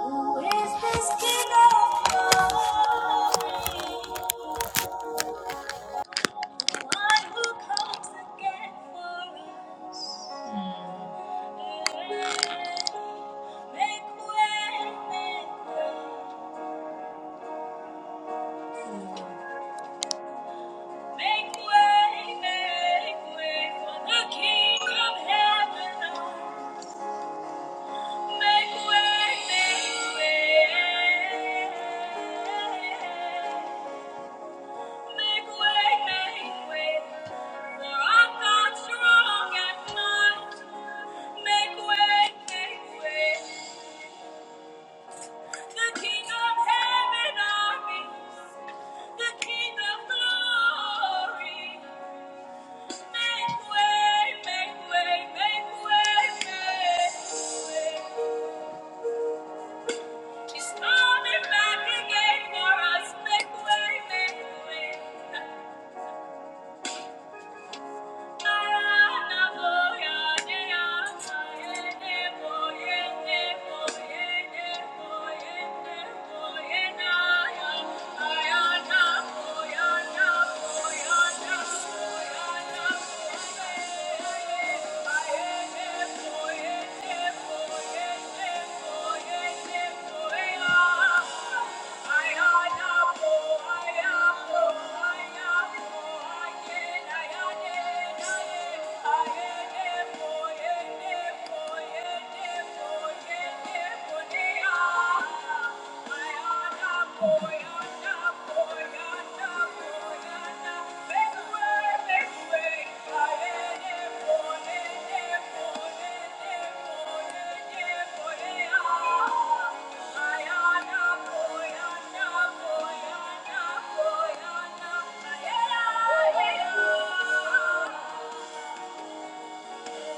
Who is this King of glory? One who comes again for us. Make way, make way. Make way, for the King of heaven. Make way, make way. make way for the King of Heaven. Make way, make way, for I'm not strong at Make way, make way, the King of Heaven armies, the King of Glory. Make way, make way, make way, make way. He's coming back again for us. Make way, make way. Yeah. Oh, Yeah. yeah.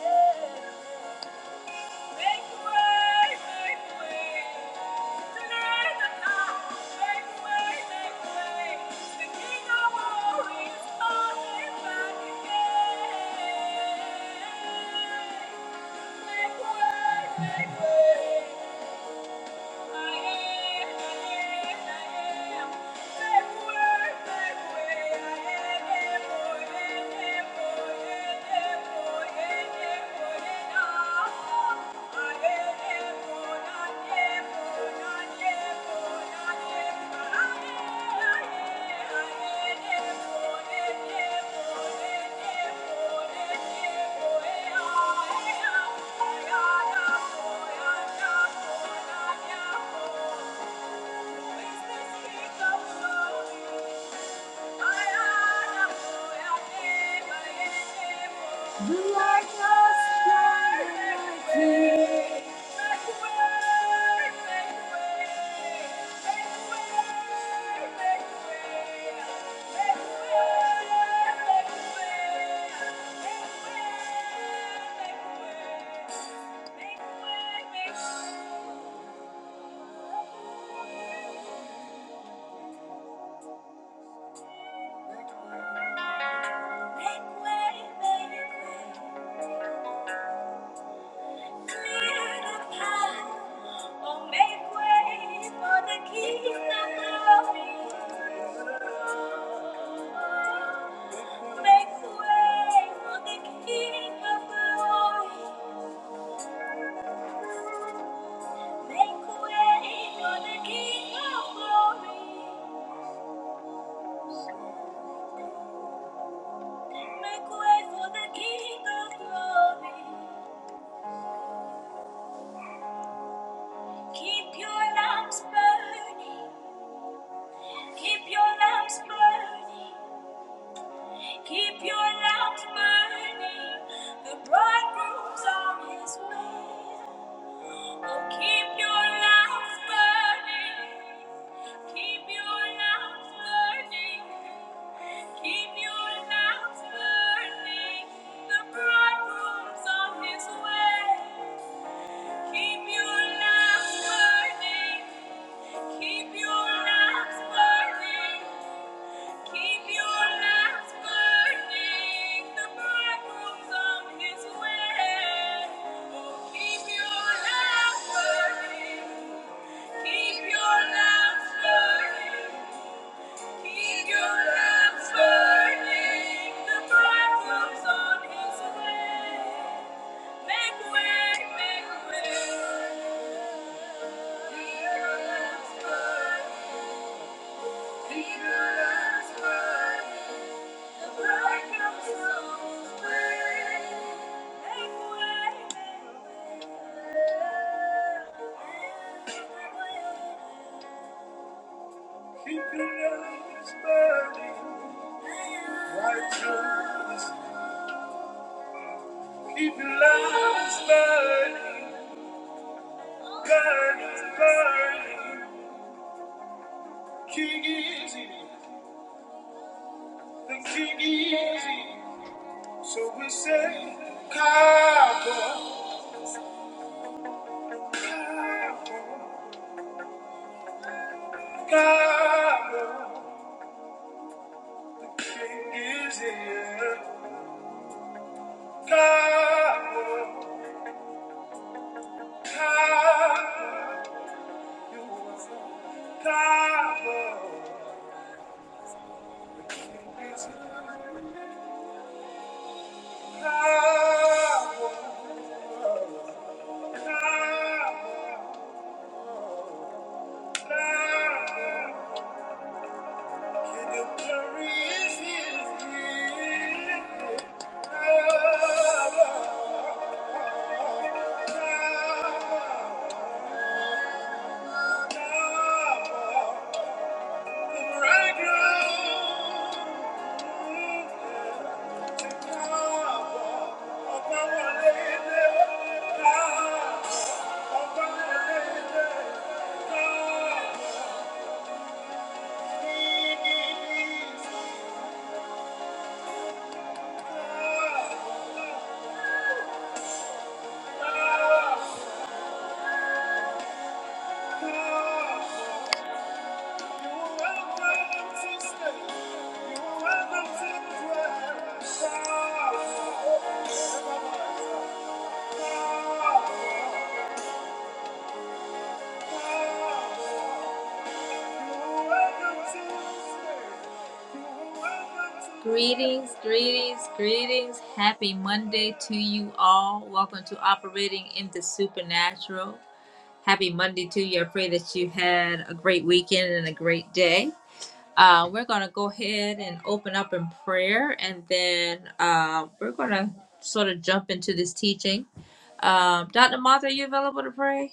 Yeah. Make way! I am, Thank you. Thank you. Make way, make way. Clear the path. Oh, make way for the kingdom glory. Make way for the King of glory. Make way for the King of glory. Make way for the King of glory. Keep your lamps burning. Keep your lamps burning. Keep your lamps burning. The bridegroom's on his way. Oh, keep your lamps burning. Keep your lamps burning. Keep your lamps burning. The bridegroom's on his way. Keep your lamps burning. Keep your lamps burning. Keep your lamps burning, the bridegroom's on his way. Oh, keep your lamps burning, keep your lamps burning, keep your lamps burning, the bridegroom's on his way. Make way, make way. Keep your lamps burning, keep your lamps burning. Keep your lights burning, righteous. Keep your lights burning, burning, burning. King is he, the King is he. So we say, Cowboy, Cowboy, Cowboy. Power. gonna Thank you. gonna welcome to dwell. Greetings, greetings, greetings. Happy Monday to you all. Welcome to Operating in the Supernatural. Happy Monday to you. I pray that you had a great weekend and a great day. Uh, we're going to go ahead and open up in prayer, and then uh, we're going to sort of jump into this teaching. Um, Dr. Martha, are you available to pray?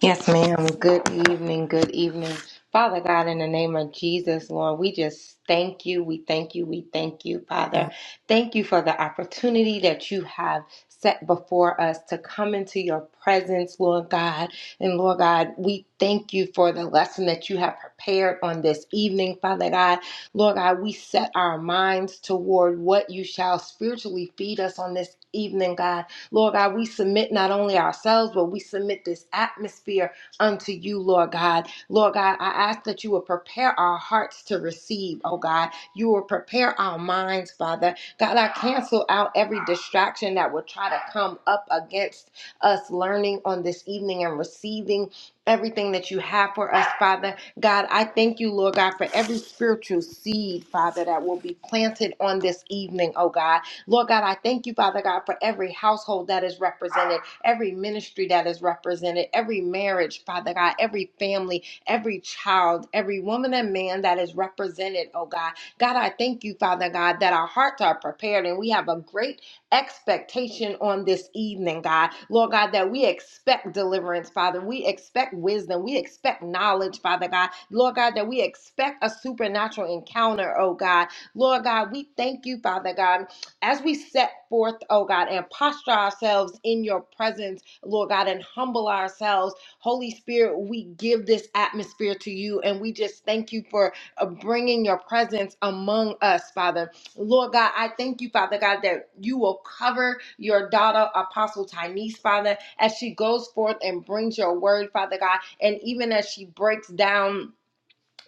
Yes, ma'am. Good evening. Good evening. Father God, in the name of Jesus, Lord, we just thank you. We thank you. We thank you, Father. Thank you for the opportunity that you have set before us to come into your presence, Lord God. And Lord God, we thank you for the lesson that you have prepared on this evening, Father God. Lord God, we set our minds toward what you shall spiritually feed us on this evening, God. Lord God, we submit not only ourselves, but we submit this atmosphere unto you, Lord God. Lord God, I ask that you will prepare our hearts to receive, oh God. You will prepare our minds, Father. God, I cancel out every distraction that will try to come up against us learning on this evening and receiving everything that you have for us, Father. God, I thank you, Lord God, for every spiritual seed, Father, that will be planted on this evening, oh God. Lord God, I thank you, Father God, for every household that is represented, every ministry that is represented, every marriage, Father God, every family, every child, every woman and man that is represented, oh God. God, I thank you, Father God, that our hearts are prepared and we have a great expectation on this evening, God. Lord God, that we expect deliverance, Father. We expect wisdom. We expect knowledge, Father God. Lord God, that we expect a supernatural encounter, oh God. Lord God, we thank you, Father God as we set forth, oh God, and posture ourselves in your presence, Lord God, and humble ourselves, Holy Spirit, we give this atmosphere to you and we just thank you for uh, bringing your presence among us, Father. Lord God, I thank you, Father God, that you will cover your daughter, Apostle Tynese, Father, as she goes forth and brings your word, Father God, and even as she breaks down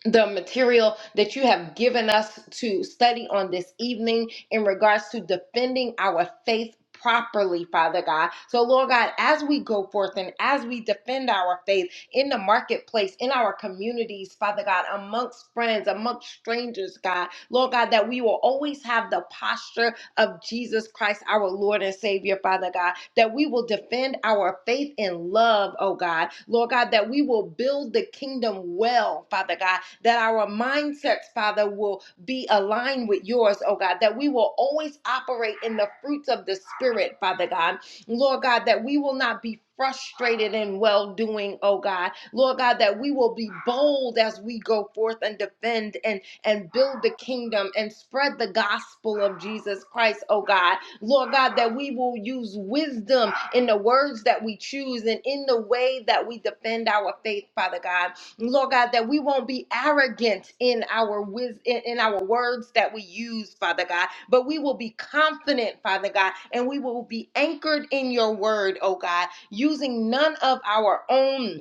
the material that you have given us to study on this evening in regards to defending our faith properly, Father God. So, Lord God, as we go forth and as we defend our faith in the marketplace, in our communities, Father God, amongst friends, amongst strangers, God, Lord God, that we will always have the posture of Jesus Christ, our Lord and Savior, Father God, that we will defend our faith in love, oh God, Lord God, that we will build the kingdom well, Father God, that our mindsets, Father, will be aligned with yours, oh God, that we will always operate in the fruits of the Spirit, Father God. Lord God, that we will not be frustrated in well doing, oh God. Lord God, that we will be bold as we go forth and defend and, and build the kingdom and spread the gospel of Jesus Christ, oh God. Lord God, that we will use wisdom in the words that we choose and in the way that we defend our faith, Father God. Lord God, that we won't be arrogant in our wis- in in our words that we use, Father God, but we will be confident, Father God, and we will be anchored in your word, oh God, using none of our own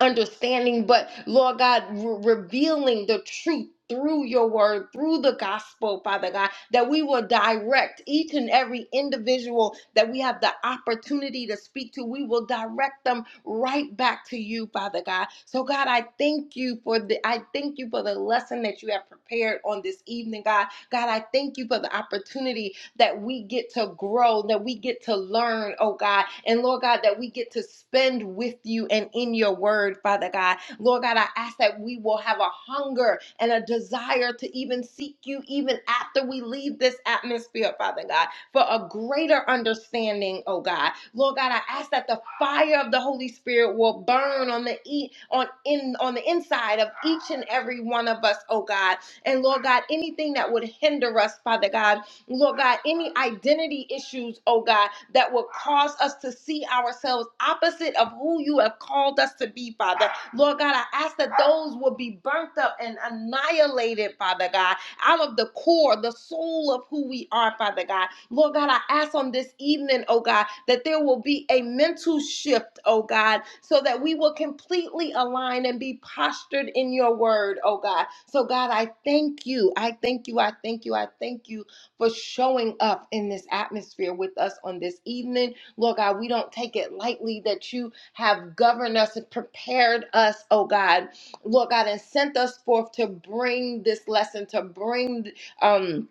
understanding, but Lord God, re- revealing the truth through your word, through the gospel, Father God, that we will direct each and every individual that we have the opportunity to speak to. We will direct them right back to you, Father God. So God, I thank you for the I thank you for the lesson that you have prepared on this evening, God. God, I thank you for the opportunity that we get to grow, that we get to learn, oh God. And Lord God, that we get to spend with you and in your word, Father God. Lord God, I ask that we will have a hunger and a desire to even seek you, even after we leave this atmosphere, Father God, for a greater understanding, oh God. Lord God, I ask that the fire of the Holy Spirit will burn on the e- on in on the inside of each and every one of us, oh God. And Lord God, anything that would hinder us, Father God, Lord God, any identity issues, oh God, that will cause us to see ourselves opposite of who you have called us to be, Father. Lord God, I ask that those will be burnt up and annihilated, Father God, out of the core, the soul of who we are, Father God. Lord God, I ask on this evening, oh God, that there will be a mental shift, oh God, so that we will completely align and be postured in your word, oh God. So, God, I thank you. I thank you. I thank you. I thank you for showing up in this atmosphere with us on this evening. Lord God, we don't take it lightly that you have governed us and prepared us, oh God, Lord God, and sent us forth to bring this lesson, to bring, um,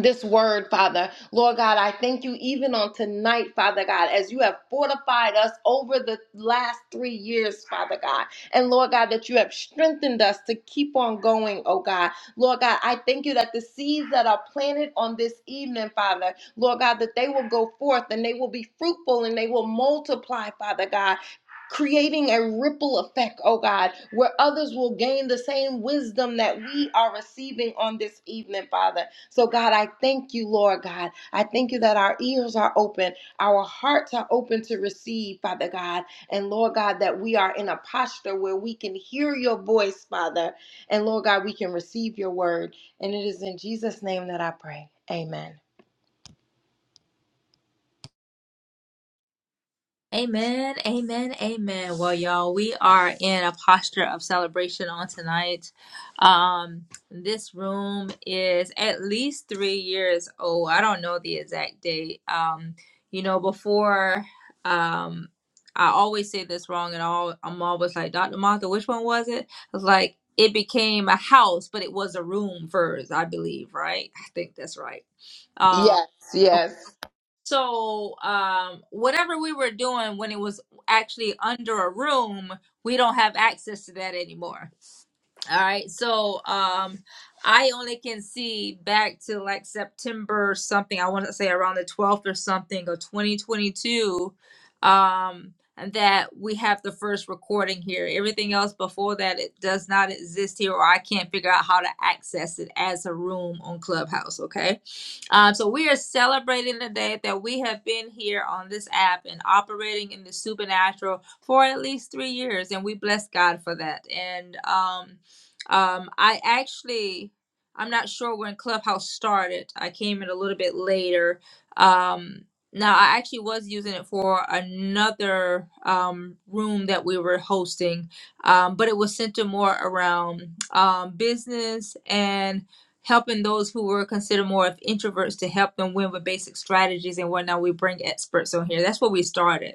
this word, Father. Lord God, I thank you even on tonight, Father God, as you have fortified us over the last three years, Father God. And Lord God, that you have strengthened us to keep on going, oh God. Lord God, I thank you that the seeds that are planted on this evening, Father, Lord God, that they will go forth and they will be fruitful and they will multiply, Father God creating a ripple effect, oh God, where others will gain the same wisdom that we are receiving on this evening, Father. So, God, I thank you, Lord God. I thank you that our ears are open, our hearts are open to receive, Father God. And, Lord God, that we are in a posture where we can hear your voice, Father. And, Lord God, we can receive your word. And it is in Jesus' name that I pray. Amen. Amen, amen, amen. Well, y'all, we are in a posture of celebration on tonight. Um, this room is at least three years old. I don't know the exact date. Um, you know, before um I always say this wrong and all I'm always like, Dr. Martha, which one was it? I was like, it became a house, but it was a room first, I believe, right? I think that's right. Um Yes, yes. so, um, whatever we were doing when it was actually under a room, we don't have access to that anymore. All right. So um I only can see back to like September something. I want to say around the 12th or something of 2022 um and that we have the first recording here. Everything else before that it does not exist here or I can't figure out how to access it as a room on Clubhouse, okay? Um so we are celebrating the day that we have been here on this app and operating in the supernatural for at least 3 years and we bless God for that. And um um, I actually, I'm not sure when Clubhouse started. I came in a little bit later. Um, now, I actually was using it for another um, room that we were hosting, um, but it was centered more around um, business and helping those who were considered more of introverts to help them win with basic strategies and whatnot. We bring experts on here. That's where we started.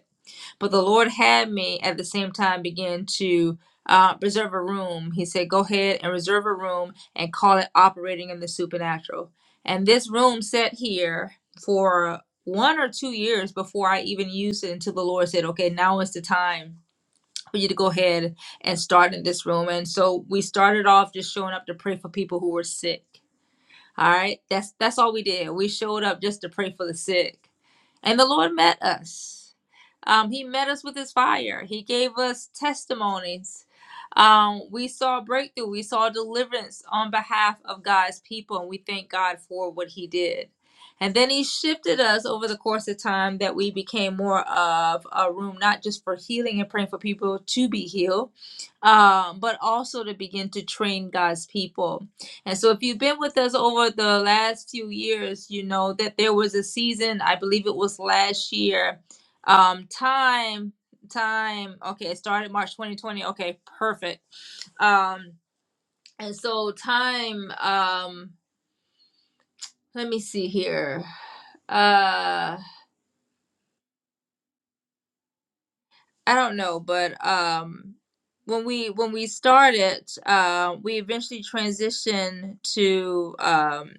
But the Lord had me at the same time begin to uh, reserve a room. He said, Go ahead and reserve a room and call it operating in the supernatural. And this room sat here for one or two years before I even used it until the Lord said, Okay, now is the time for you to go ahead and start in this room. And so we started off just showing up to pray for people who were sick. All right. That's that's all we did. We showed up just to pray for the sick. And the Lord met us. Um, he met us with his fire. He gave us testimonies. Um, we saw breakthrough. We saw deliverance on behalf of God's people, and we thank God for what he did. And then he shifted us over the course of time that we became more of a room, not just for healing and praying for people to be healed, um, but also to begin to train God's people. And so, if you've been with us over the last few years, you know that there was a season, I believe it was last year, um, time, time, okay, it started March 2020, okay, perfect. Um, and so, time, um, let me see here. Uh, I don't know, but um, when we when we started, uh, we eventually transitioned to um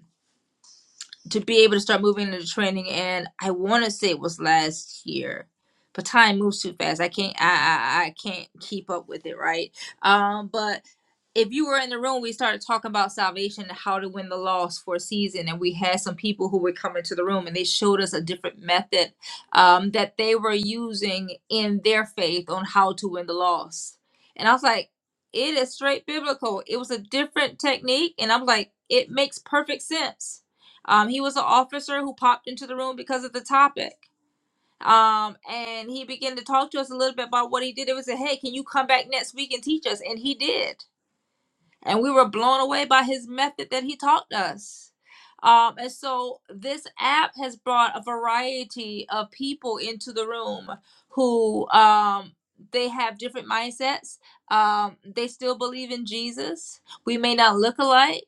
to be able to start moving into training and I want to say it was last year but time moves too fast I can't I, I I can't keep up with it right um but if you were in the room we started talking about salvation and how to win the loss for a season and we had some people who were coming to the room and they showed us a different method um that they were using in their faith on how to win the loss and I was like it is straight biblical it was a different technique and I'm like it makes perfect sense um, he was an officer who popped into the room because of the topic. Um, and he began to talk to us a little bit about what he did. It was a hey, can you come back next week and teach us? And he did and we were blown away by his method that he taught us. Um, and so this app has brought a variety of people into the room who um, they have different mindsets. Um, they still believe in Jesus. We may not look alike.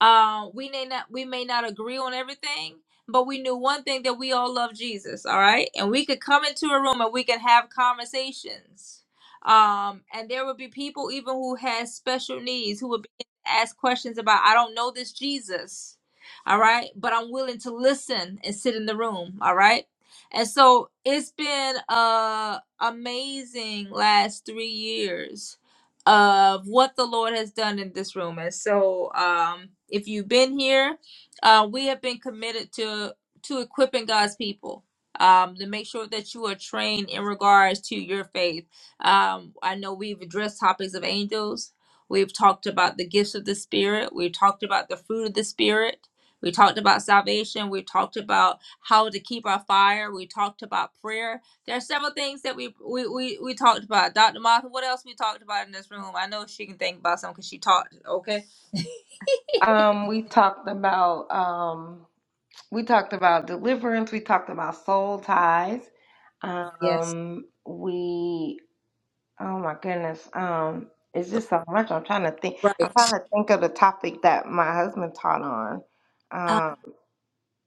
Uh, we may not we may not agree on everything, but we knew one thing that we all love Jesus. All right, and we could come into a room and we can have conversations um and there would be people even who had special needs who would be asked questions about i don't know this jesus all right but i'm willing to listen and sit in the room all right and so it's been uh amazing last three years of what the lord has done in this room and so um if you've been here uh we have been committed to to equipping god's people um to make sure that you are trained in regards to your faith um, I know we've addressed topics of angels. We've talked about the gifts of the Spirit. We've talked about the fruit of the Spirit. We talked about salvation. We talked about how to keep our fire. We talked about prayer. There are several things that we we, we, we talked about. Dr. Martha, what else we talked about in this room? I know she can think about some because she talked. Okay. Um, we talked about. Um, We talked about deliverance. We talked about soul ties. Yes. Um, we, oh my goodness, um, it's So, just so much. I'm trying to think. I'm Right. trying to think of the topic that my husband taught on. Uh, Um,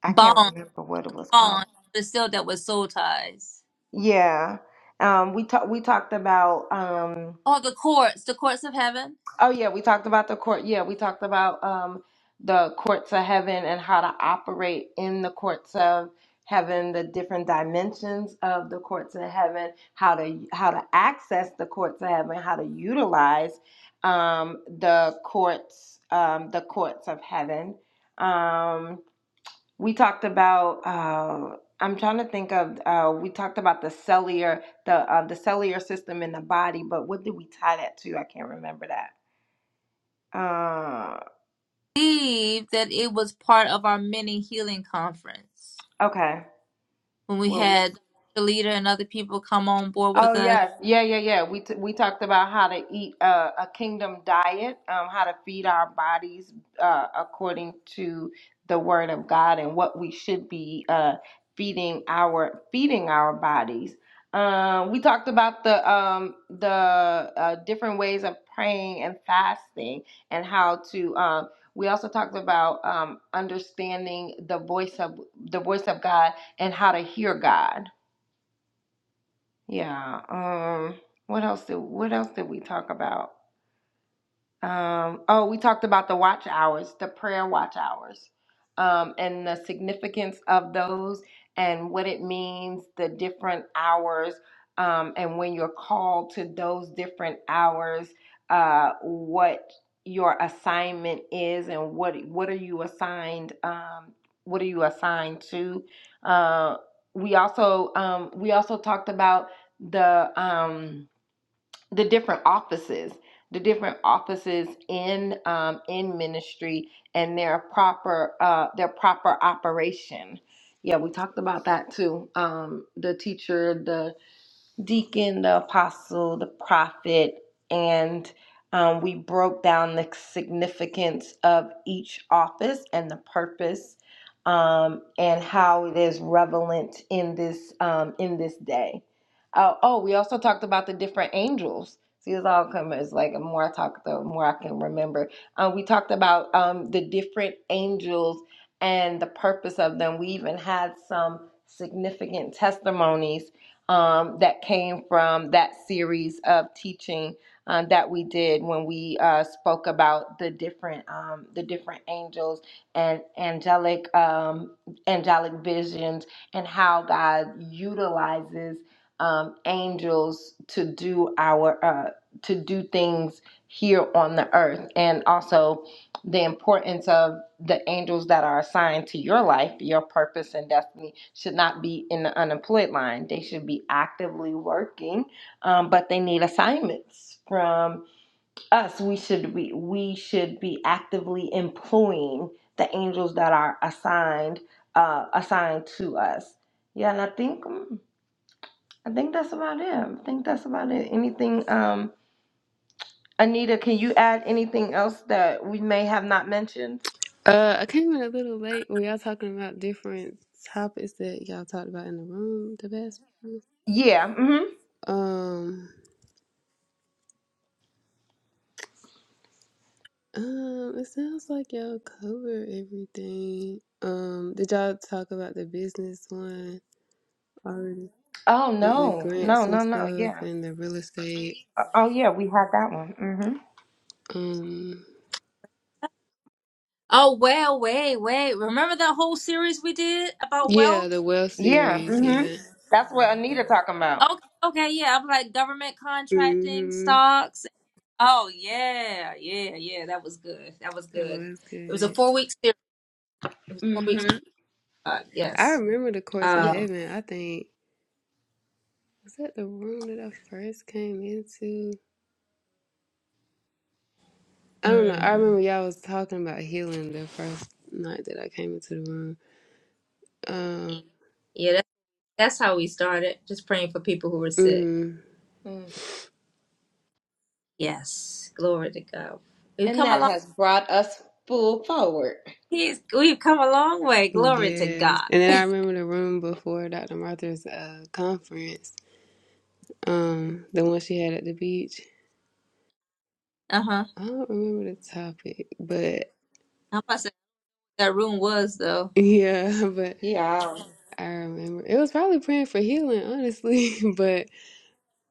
I can't bond, remember what it was bond, called. but it's still that with soul ties. Yeah. Um, we talked. We talked about. Um, Oh, the courts, the courts of heaven. Oh yeah, we talked about the court. Yeah, we talked about um the courts of heaven and how to operate in the courts of heaven, the different dimensions of the courts of heaven, how to how to access the courts of heaven, how to utilize um the courts um the courts of heaven. Um we talked about uh I'm trying to think of uh we talked about the cellular the uh, the cellular system in the body, but what did we tie that to? I can't remember that. Uh, believe that it was part of our mini healing conference okay. when we Well, had the leader and other people come on board Oh with us. yes, yeah, yeah, yeah. We t- we talked about how to eat uh, a kingdom diet, um, how to feed our bodies uh, according to the word of God, and what we should be uh, feeding our feeding our bodies. Um, we talked about the um, the uh, different ways of praying and fasting, and how to. Um, we also talked about um, understanding the voice of the voice of God and how to hear God yeah. Um. What else did What else did we talk about? Um, oh, we talked about the watch hours, the prayer watch hours, um, and the significance of those and what it means, the different hours, um, and when you're called to those different hours, uh, what your assignment is and what what are you assigned um, what are you assigned to uh, we also um, we also talked about the um, the different offices the different offices in um, in ministry and their proper uh, their proper operation yeah we talked about that too um, the teacher the deacon, the apostle, the prophet, and um, we broke down the significance of each office and the purpose um, and how it is relevant in this um, in this day. Uh, oh, we also talked about the different angels. See, it's all coming. It's like the more I talk, the more I can remember. Uh, we talked about um, the different angels and the purpose of them. We even had some significant testimonies um, that came from that series of teaching um, that we did when we uh, spoke about the different um, the different angels and angelic um, angelic visions and how God utilizes um, angels to do our uh, to do things here on the earth and also the importance of the angels that are assigned to your life, your purpose and destiny should not be in the unemployed line. They should be actively working, um, but they need assignments from us. We should be we should be actively employing the angels that are assigned uh, assigned to us. Yeah, and I think mm, I think that's about it. I think that's about it. Anything, um, Anita? Can you add anything else that we may have not mentioned? Uh, I came in a little late. Were y'all talking about different topics that y'all talked about in the room? The best. place? Yeah. mhm. Um, um, it sounds like y'all covered everything. Um, did y'all talk about the business one already Oh with the no, no, grants and no, no. stuff Yeah. and the real estate? Oh yeah, we had that one. Mm-hmm. Um, Oh, well, wait, wait. Remember that whole series we did about yeah, the wealth? wealth Yeah. series. Mm-hmm. Yeah. That's what Anita talking about. Okay, okay, yeah. I'm like government contracting, Mm-hmm. stocks. Oh, yeah, yeah, yeah. That was good. That was That good. was It was a good. four week series. It was four weeks. Mm-hmm. Uh, I yes. remember the course of Yep. Um, heaven. I think was that the room that I first came into? I don't know. I mm, remember y'all was talking about healing the first night that I came into the room. Um, yeah, that, that's how we started. Just praying for people who were sick. hmm Mm. Yes, glory to God. We've And come a that long has brought us full forward. he's, we've come a long way. Glory to yes. God. And then I remember the room before Dr. Martha's uh, conference, um, the one she had at the beach. Uh-huh. I don't remember the topic, but I'm about to say what that room was though. yeah, but Yeah. I remember it was probably praying for healing, honestly. But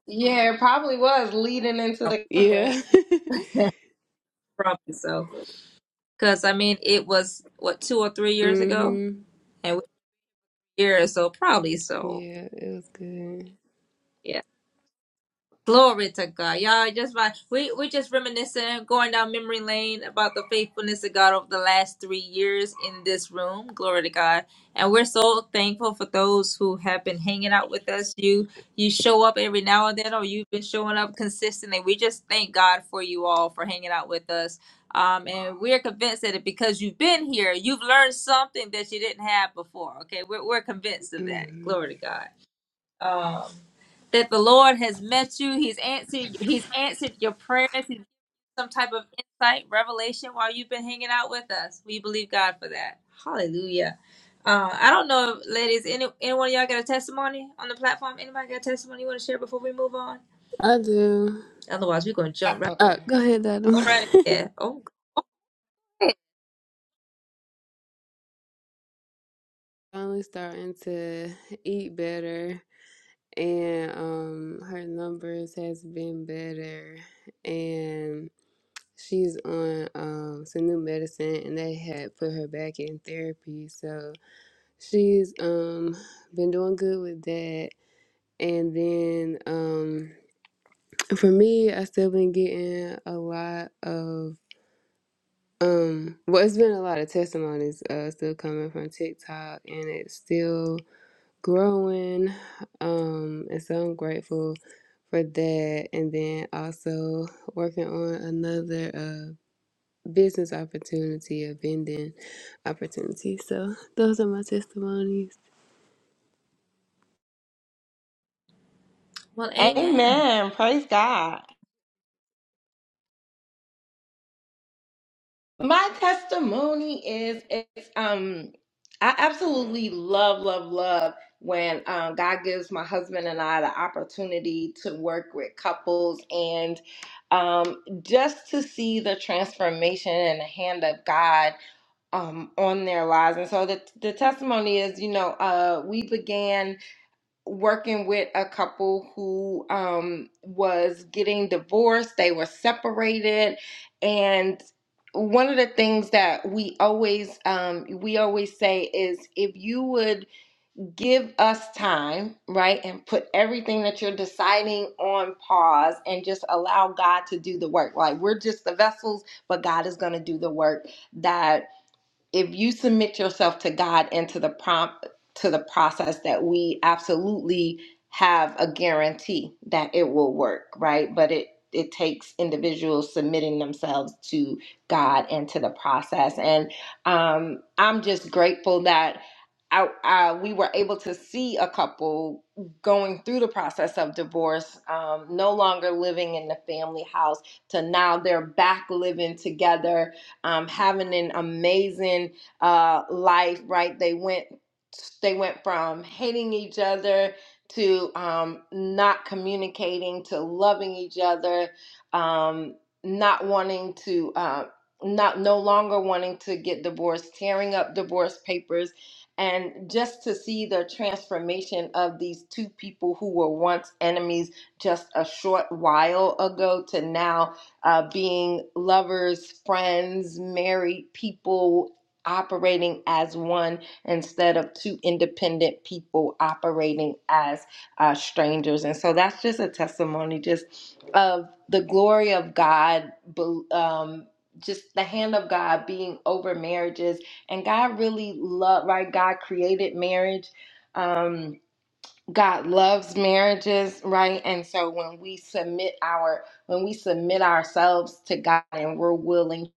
Yeah, it probably was leading into I was the yeah, conference. probably so. Cause I mean it was what two or three years ago? hmm And we were here so probably so. yeah, it was good. Yeah. Glory to God. Y'all just right. We we just reminiscing, going down memory lane about the faithfulness of God over the last three years in this room. Glory to God. And we're so thankful for those who have been hanging out with us. You you show up every now and then or you've been showing up consistently. We just thank God for you all for hanging out with us. Um, and we're convinced that it, because you've been here, you've learned something that you didn't have before. Okay, we're, we're convinced of that. hmm Glory to God um, that the Lord has met you. He's answered. He's answered your prayers. He's given some type of insight, revelation while you've been hanging out with us. We believe God for that. Hallelujah. Uh, I don't know, ladies. Any anyone of y'all got a testimony on the platform? Anybody got a testimony you want to share before we move on? I do. Otherwise, we're gonna Uh, jump right. Uh, okay. go ahead, In. All right. Dr. Yeah. Oh, great. finally starting to eat better and um her numbers has been better and she's on um some new medicine and they had put her back in therapy so she's um been doing good with that and then um for me I still been getting a lot of um well it's been a lot of testimonies uh still coming from TikTok and it's still growing. Um, and so I'm grateful for that. And then also working on another uh, business opportunity, a vending opportunity. So those are my testimonies. Well, Amen. Amen. Praise God. My testimony is it's um I absolutely love, love, love when um, God gives my husband and I the opportunity to work with couples and um, just to see the transformation and the hand of God um, on their lives. And so the, the testimony is, you know, uh, we began working with a couple who um, was getting divorced, they were separated, and one of the things that we always um, we always say is if you would give us time, right, and put everything that you're deciding on pause and just allow God to do the work. Like we're just the vessels, but God is going to do the work that if you submit yourself to God and to the prompt to the process that we absolutely have a guarantee that it will work, right? But it it takes individuals submitting themselves to God and to the process. And um, I'm just grateful that I, I, we were able to see a couple going through the process of divorce, um, no longer living in the family house, to now they're back living together um, having an amazing uh, life, right? They went they went from hating each other to um, not communicating to loving each other, um, not wanting to. Uh, not no longer wanting to get divorced, tearing up divorce papers, and just to see the transformation of these two people who were once enemies just a short while ago to now uh, being lovers, friends, married people operating as one instead of two independent people operating as uh, strangers. And so that's just a testimony just of the glory of God, um, just the hand of God being over marriages. And God really loved, right? God created marriage. Um, God loves marriages, right? And so when we submit our when we submit ourselves to God and we're willing to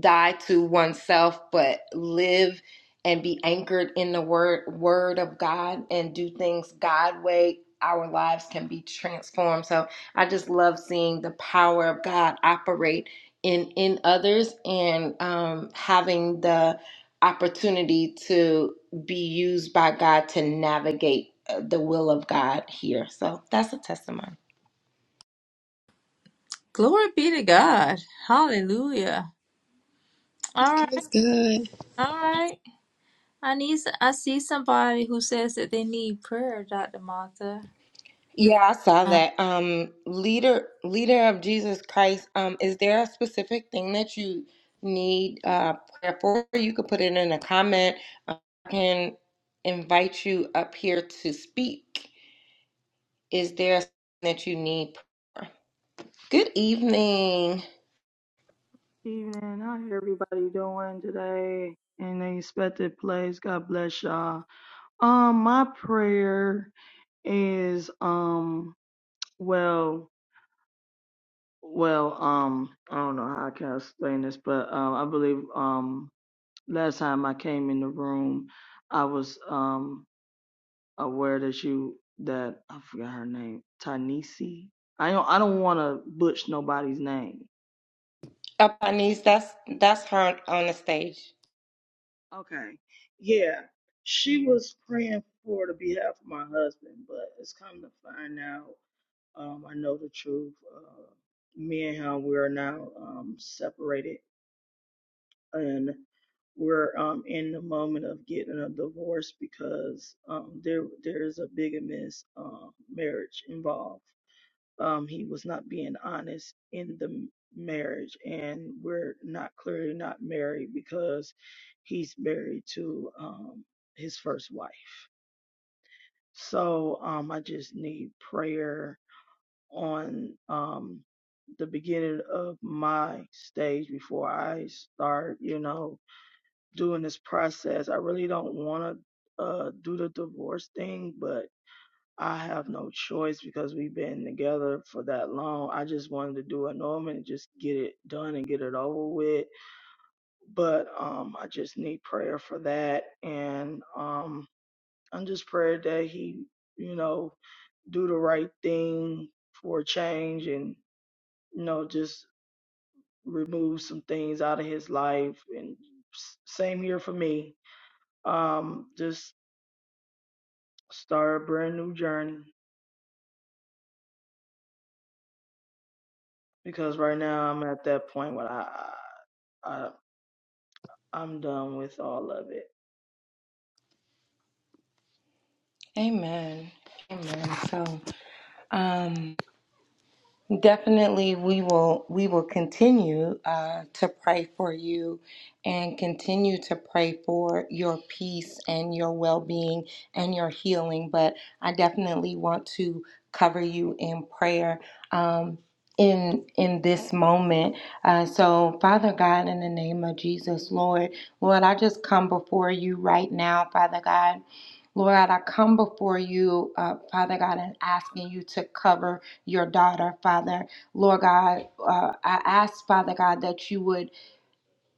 die to oneself but live and be anchored in the word word of God and do things God way, our lives can be transformed. So I just love seeing the power of God operate in in others and um having the opportunity to be used by God to navigate uh, the will of God here. So that's a testimony. Glory be to God. Hallelujah. All right. Praise God. All right. I need. I see somebody who says that they need prayer, Dr. Martha. Yeah, I saw Uh, that. Um, leader, leader of Jesus Christ. Um, is there a specific thing that you need uh, prayer for? You could put it in a comment. Um, I can invite you up here to speak. Is there something that you need? Prayer? for? Good evening, Evening, how everybody doing today? In the expected place, God bless y'all. Um, my prayer is um, well, well, um, I don't know how I can explain this, but um, I believe um, last time I came in the room, I was um aware that you that I forgot her name, Tanisi. I don't I don't want to butch nobody's name, up on these. That's that's her on the stage. Okay. Yeah. She was praying for the behalf of my husband, but it's come to find out. Um, I know the truth. Uh, me and him, we are now um, separated, and we're um, in the moment of getting a divorce because um, there there is a bigamous uh, marriage involved um, he was not being honest in the m- marriage, and we're not clearly not married because he's married to um, his first wife. So um, I just need prayer on um, the beginning of my stage before I start, you know, doing this process. I really don't want to uh, do the divorce thing, but I have no choice because we've been together for that long. I just wanted to do a normal and just get it done and get it over with. But um, I just need prayer for that, and um, I'm just praying that he, you know, do the right thing for a change, and you know, just remove some things out of his life. And s- same here for me. Um, just start a brand new journey because right now I'm at that point where I. I I'm done with all of it. Amen. Amen. So, um. Definitely, we will we will continue uh, to pray for you and continue to pray for your peace and your well-being and your healing. But I definitely want to cover you in prayer um, in in this moment. Uh, so, Father God, in the name of Jesus, Lord, Lord, I just come before you right now, Father God. Lord, I come before you, uh, Father God, and asking you to cover your daughter, Father. Lord God, uh, I ask, Father God, that you would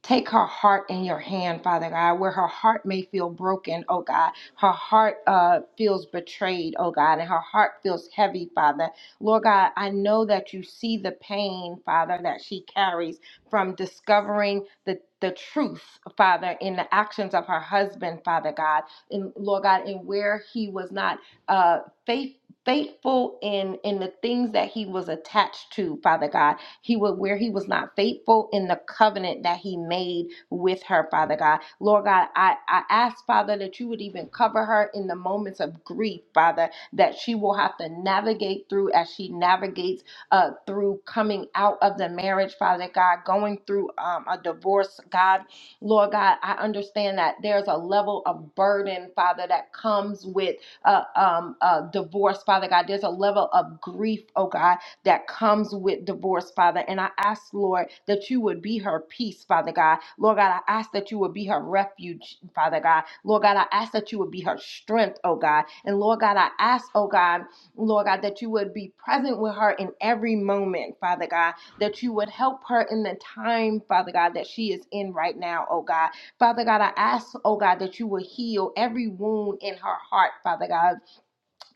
Take her heart in your hand, Father God, where her heart may feel broken, oh God. Her heart uh, feels betrayed, oh God, and her heart feels heavy, Father. Lord God, I know that you see the pain, Father, that she carries from discovering the the truth, Father, in the actions of her husband, Father God, and Lord God, and where he was not uh, faith, faithful in in the things that he was attached to, Father God. He would where he was not faithful in the covenant that he made with her, Father God. Lord God, I, I ask, Father, that you would even cover her in the moments of grief, Father, that she will have to navigate through as she navigates uh, through coming out of the marriage, Father God, going through um, a divorce, God. Lord God, I understand that there's a level of burden, Father, that comes with uh, um, uh, divorce, Father God. There's a level of grief, oh God that comes with divorce, Father. And I ask, Lord, that you would be her peace, Father God. Lord God, I ask that you would be her refuge, Father God. Lord God, I ask that you would be her strength, oh God. And Lord God, I ask, oh God, Lord God, that you would be present with her in every moment, Father God, that you would help her in the time, Father God, that she is in right now, oh God. Father God, I ask, oh God, that you would heal every wound in her heart, Father God.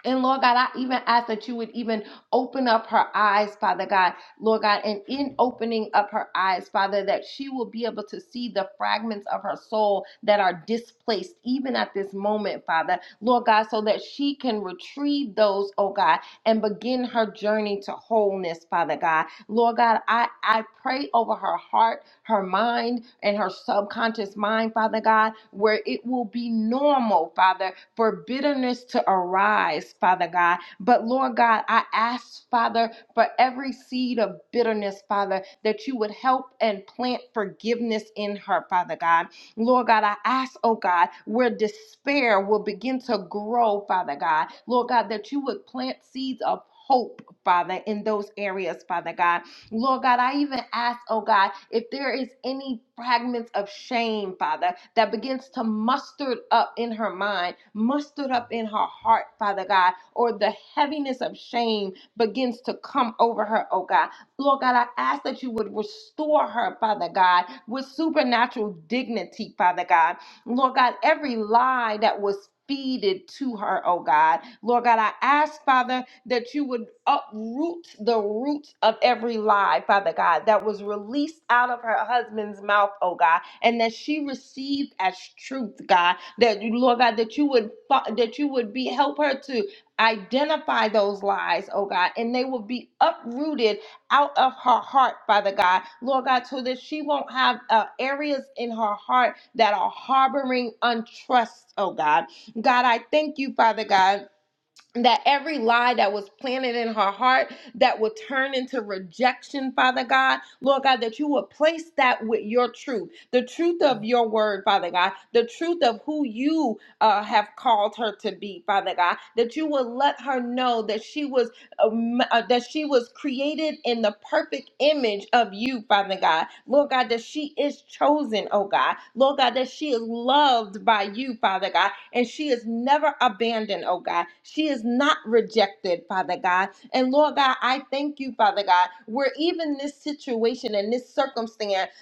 And Lord God, I even ask that you would even open up her eyes, Father God, Lord God, and in opening up her eyes, Father, that she will be able to see the fragments of her soul that are displaced even at this moment, Father, Lord God, so that she can retrieve those, oh God, and begin her journey to wholeness, Father God. Lord God, I, I pray over her heart, her mind, and her subconscious mind, Father God, where it will be normal, Father, for bitterness to arise, Father God. But Lord God, I ask, Father, for every seed of bitterness, Father, that you would help and plant forgiveness in her, Father God. Lord God, I ask, oh God, where despair will begin to grow, Father God. Lord God, that you would plant seeds of hope, Father, in those areas, Father God. Lord God, I even ask, oh God, if there is any fragments of shame, Father, that begins to muster up in her mind, mustered up in her heart, Father God, or the heaviness of shame begins to come over her, oh God. Lord God, I ask that you would restore her, Father God, with supernatural dignity, Father God. Lord God, every lie that was feeded to her, oh God. Lord God, I ask, Father, that you would uproot the roots of every lie, Father God, that was released out of her husband's mouth, oh God, and that she received as truth, God, that you, Lord God, that you would fi- that you would be help her to identify those lies, oh God, and they will be uprooted out of her heart, Father God, Lord God, so that she won't have uh, areas in her heart that are harboring untrust, oh God. God, I thank you, Father God that every lie that was planted in her heart that would turn into rejection, Father God, Lord God, that you would place that with your truth, the truth of your word, Father God, the truth of who you uh, have called her to be, Father God, that you would let her know that she was um, uh, that she was created in the perfect image of you, Father God, Lord God, that she is chosen, oh God, Lord God, that she is loved by you, Father God, and she is never abandoned, oh God. She is not rejected, Father God. And Lord God, I thank you, Father God, where even this situation and this circumstance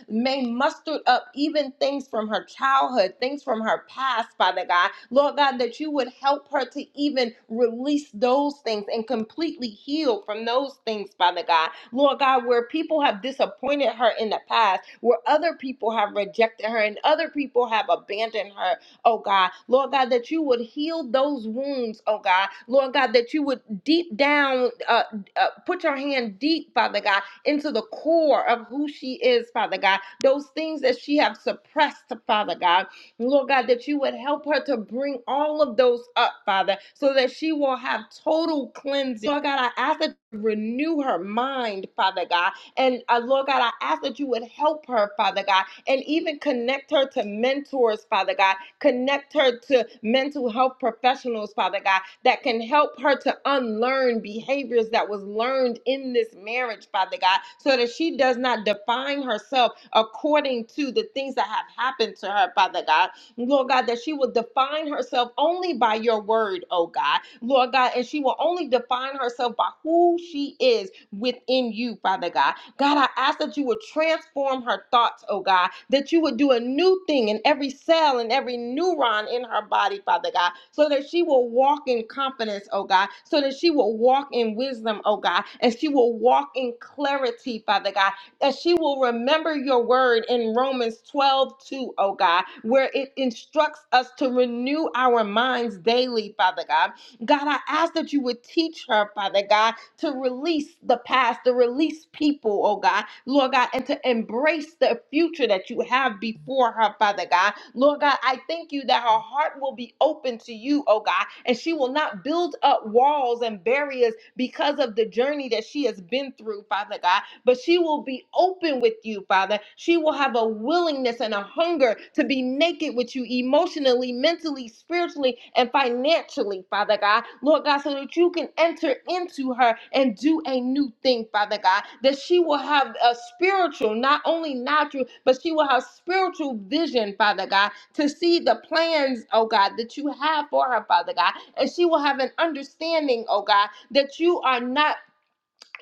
may muster up even things from her childhood, things from her past, Father God. Lord God, that you would help her to even release those things and completely heal from those things, Father God. Lord God, where people have disappointed her in the past, where other people have rejected her and other people have abandoned her, oh God. Lord God, that you would heal those wounds, oh God. Lord God, that you would deep down, uh, uh, put your hand deep, Father God, into the core of who she is, Father God. Those things that she have suppressed, Father God. Lord God, that you would help her to bring all of those up, Father, so that she will have total cleansing. Lord God, I ask that you renew her mind, Father God. And uh, Lord God, I ask that you would help her, Father God, and even connect her to mentors, Father God, Connect her to mental health professionals, Father God, that can help her to unlearn behaviors that was learned in this marriage, Father God, so that she does not define herself according to the things that have happened to her, Father God. Lord God, that she will define herself only by your word, oh God. Lord God, and she will only define herself by who she is within you, Father God. God, I ask that you would transform her thoughts, oh God, that you would do a new thing in every cell and every neuron in her body, Father God, so that she will walk in confidence, oh God, so that she will walk in wisdom, oh God, and she will walk in clarity, Father God, that she will remember your word in Romans 12 2, O God, where it instructs us to renew our minds daily, Father God. God, I ask that you would teach her, Father God, to release the past, to release people, oh God, Lord God, and to embrace the future that you have before her, Father God. Lord God, I thank you that her heart will be open to you, oh God, and she will not build up walls and barriers because of the journey that she has been through, Father God, but she will be open with you, Father. She will have a willingness and a hunger to be naked naked with you emotionally, mentally, spiritually, and financially, Father God. Lord God, so that you can enter into her and do a new thing, Father God. That she will have a spiritual, not only natural, but she will have spiritual vision, Father God, to see the plans, oh God, that you have for her, Father God. And she will have an understanding, oh God, that you are not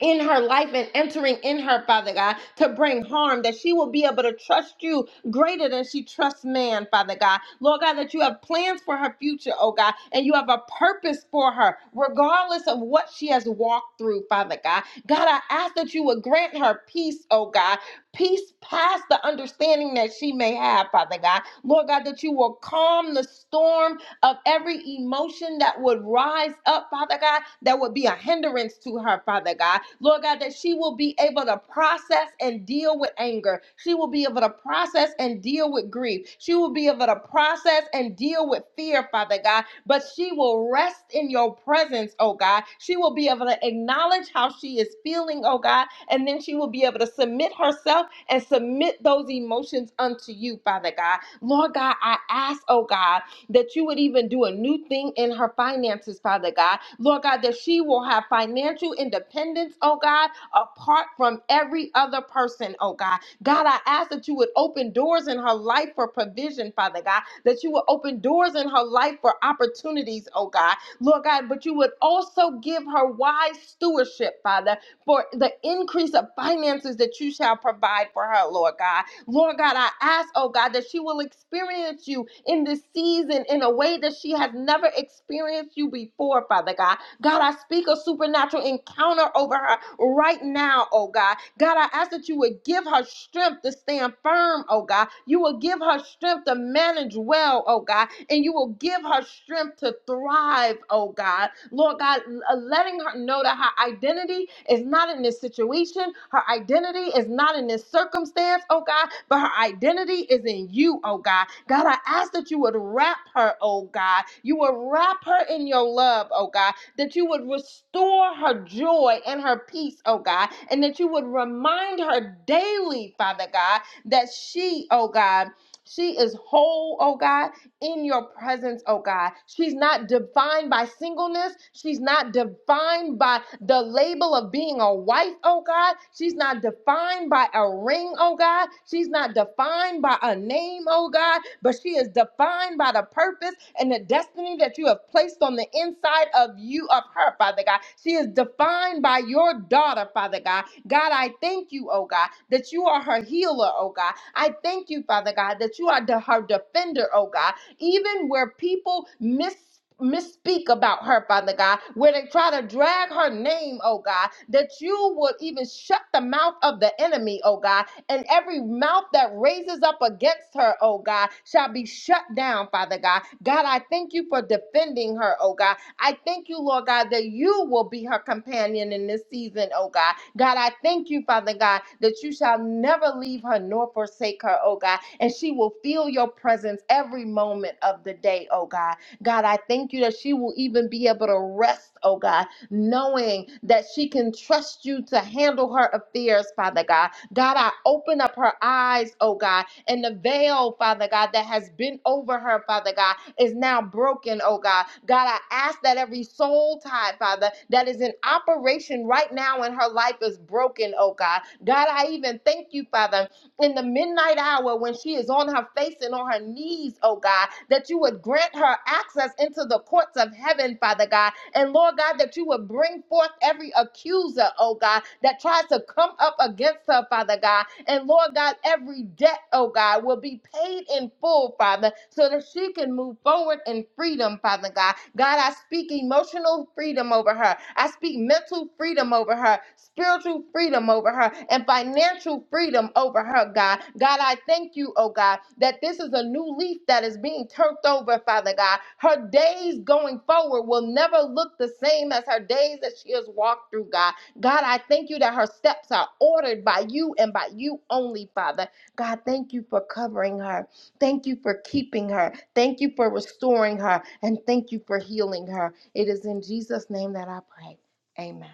in her life and entering in her, Father God, to bring harm, that she will be able to trust you greater than she trusts man, Father God. Lord God, that you have plans for her future, oh God, and you have a purpose for her, regardless of what she has walked through, Father God. God, I ask that you would grant her peace, oh God, peace past the understanding that she may have, Father God. Lord God, that you will calm the storm of every emotion that would rise up, Father God, that would be a hindrance to her, Father God. Lord God, that she will be able to process and deal with anger. She will be able to process and deal with grief. She will be able to process and deal with fear, Father God. But she will rest in your presence, oh God. She will be able to acknowledge how she is feeling, oh God. And then she will be able to submit herself and submit those emotions unto you, Father God. Lord God, I ask, oh God that you would even do a new thing in her finances, Father God. Lord God, that she will have financial independence, oh God, apart from every other person, oh God. God, I ask that you would open doors in her life for provision, Father God, that you would open doors in her life for opportunities, oh God. Lord God, but you would also give her wise stewardship, Father, for the increase of finances that you shall provide for her, Lord God. Lord God, I ask, oh God, that she will experience you in this season in a way that she has never experienced you before, Father God. God, I speak a supernatural encounter over her right now, oh God. God, I ask that you would give her strength to stand firm, oh God. You will give her strength to manage well, oh God and you will give her strength to thrive, oh God. Lord God, letting her know that her identity is not in this situation, her identity is not in this circumstance, oh God, but her identity is in you, oh God. God, I ask that you would wrap her, oh God. You would wrap her in your love, oh God, that you would restore her joy and her peace, oh God, and that you would remind her daily, Father God, that she, oh God, she is whole, oh God in your presence, oh God. She's not defined by singleness. She's not defined by the label of being a wife, oh God. She's not defined by a ring, oh God. She's not defined by a name, oh God, but she is defined by the purpose and the destiny that you have placed on the inside of you, of her, Father God. She is defined by your daughter, Father God. God, I thank you, oh God, that you are her healer, oh God. I thank you, Father God, that you are the, her defender, oh God even where people miss misspeak about her, Father God, where they try to drag her name, oh God, that you would even shut the mouth of the enemy, oh God, and every mouth that raises up against her, oh God, shall be shut down, Father God. God, I thank you for defending her, oh God. I thank you, Lord God, that you will be her companion in this season, oh God. God, I thank you, Father God, that you shall never leave her nor forsake her, oh God, and she will feel your presence every moment of the day, oh God. God, I thank you that she will even be able to rest, oh God, knowing that she can trust you to handle her affairs, Father God. God, I open up her eyes, oh God and the veil, Father God, that has been over her, Father God, is now broken, oh God. God, I ask that every soul tie, Father, that is in operation right now in her life is broken, oh God. God, I even thank you, Father, in the midnight hour when she is on her face and on her knees, oh God, that you would grant her access into the courts of heaven, Father God. And Lord God, that you would bring forth every accuser, oh God, that tries to come up against her, Father God. And Lord God, every debt, oh God, will be paid in full, Father, so that she can move forward in freedom, Father God. God, I speak emotional freedom over her. I speak mental freedom over her, spiritual freedom over her, and financial freedom over her, God. God, I thank you, oh God, that this is a new leaf that is being turned over, Father God. Her days going forward will never look the same as her days that she has walked through, God. God, I thank you that her steps are ordered by you and by you only, Father. God, thank you for covering her. Thank you for keeping her. Thank you for restoring her. And thank you for healing her. It is in Jesus' name that I pray. Amen.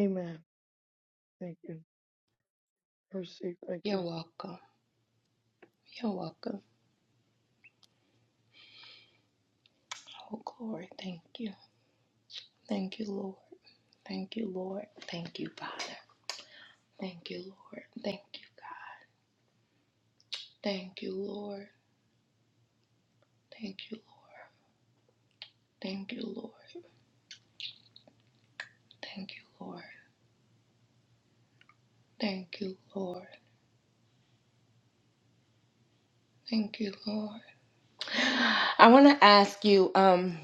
Amen. Thank you. Perceive. Thank You're you. welcome. You're welcome. Oh, glory. Thank you. Thank you, Lord. Thank you, Lord. Thank you, Father. Thank you, Lord. Thank you, God. Thank you, Lord. Thank you, Lord. Thank you, Lord. Thank you, Lord. Thank you, Lord. Thank you, Lord. I want to ask you um,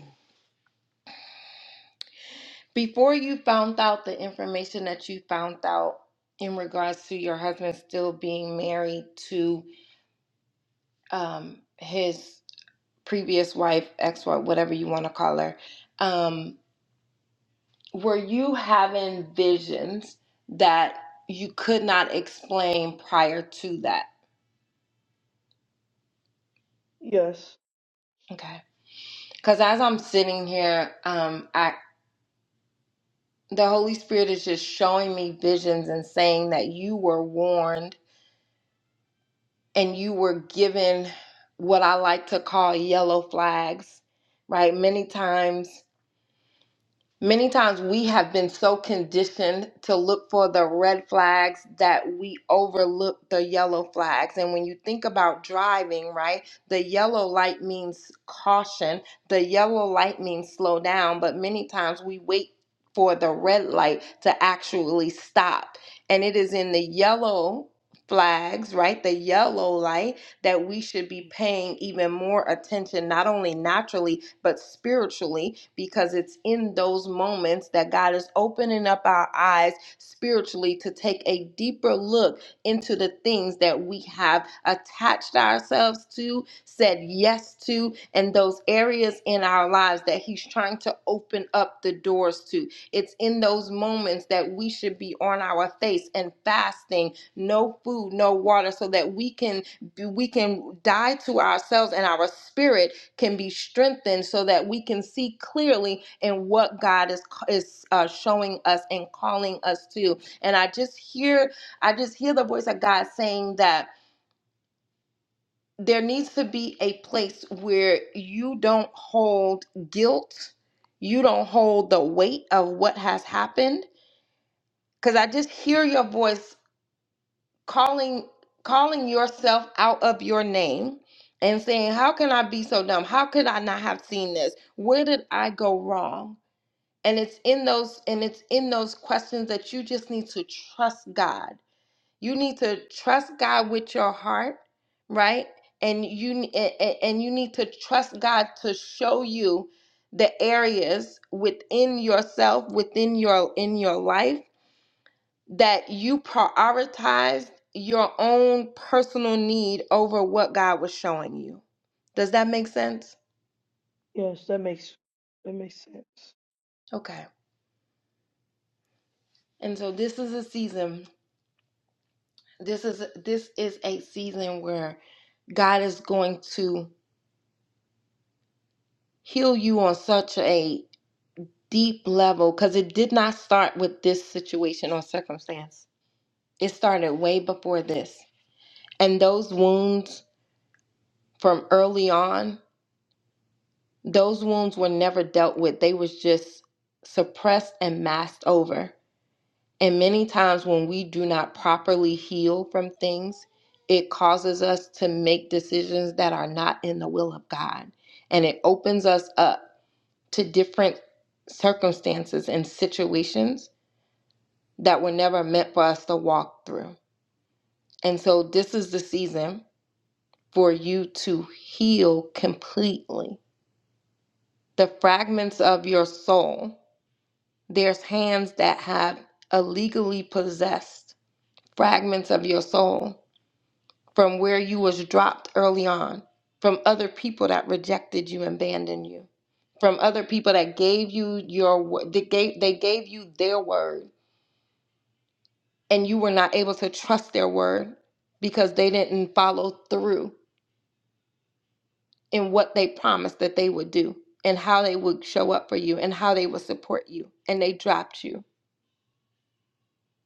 before you found out the information that you found out in regards to your husband still being married to um, his previous wife, ex wife, whatever you want to call her, um, were you having visions that you could not explain prior to that? Yes. Okay. Because as I'm sitting here, um, I the Holy Spirit is just showing me visions and saying that you were warned and you were given what I like to call yellow flags, right? Many times, many times we have been so conditioned to look for the red flags that we overlook the yellow flags. And when you think about driving, right, the yellow light means caution, the yellow light means slow down, but many times we wait. For the red light to actually stop. And it is in the yellow flags, right? The yellow light that we should be paying even more attention, not only naturally, but spiritually, because it's in those moments that God is opening up our eyes spiritually to take a deeper look into the things that we have attached ourselves to, said yes to, and those areas in our lives that He's trying to open up the doors to. It's in those moments that we should be on our face and fasting, no food, no water, so that we can we can die to ourselves and our spirit can be strengthened so that we can see clearly in what God is is uh, showing us and calling us to. And I just hear I just hear the voice of God saying that there needs to be a place where you don't hold guilt, you don't hold the weight of what has happened because I just hear your voice calling calling yourself out of your name and saying how can i be so dumb how could i not have seen this where did i go wrong and it's in those and it's in those questions that you just need to trust god you need to trust god with your heart right and you ne- a- a- and you need to trust god to show you the areas within yourself within your in your life that you prioritized your own personal need over what God was showing you. Does that make sense? Yes. That makes that makes sense. Okay. And so this is a season. This is this is a season where God is going to heal you on such a deep level cuz it did not start with this situation or circumstance. It started way before this. And those wounds from early on Those wounds were never dealt with. They was just suppressed and masked over. And many times when we do not properly heal from things, it causes us to make decisions that are not in the will of God. And it opens us up to different circumstances and situations that were never meant for us to walk through. And so this is the season for you to heal completely the fragments of your soul There's hands that have illegally possessed fragments of your soul from where you was dropped early on, from other people that rejected you and abandoned you, from other people that gave you your wo- they gave they gave you their word and you were not able to trust their word because they didn't follow through in what they promised that they would do and how they would show up for you and how they would support you and they dropped you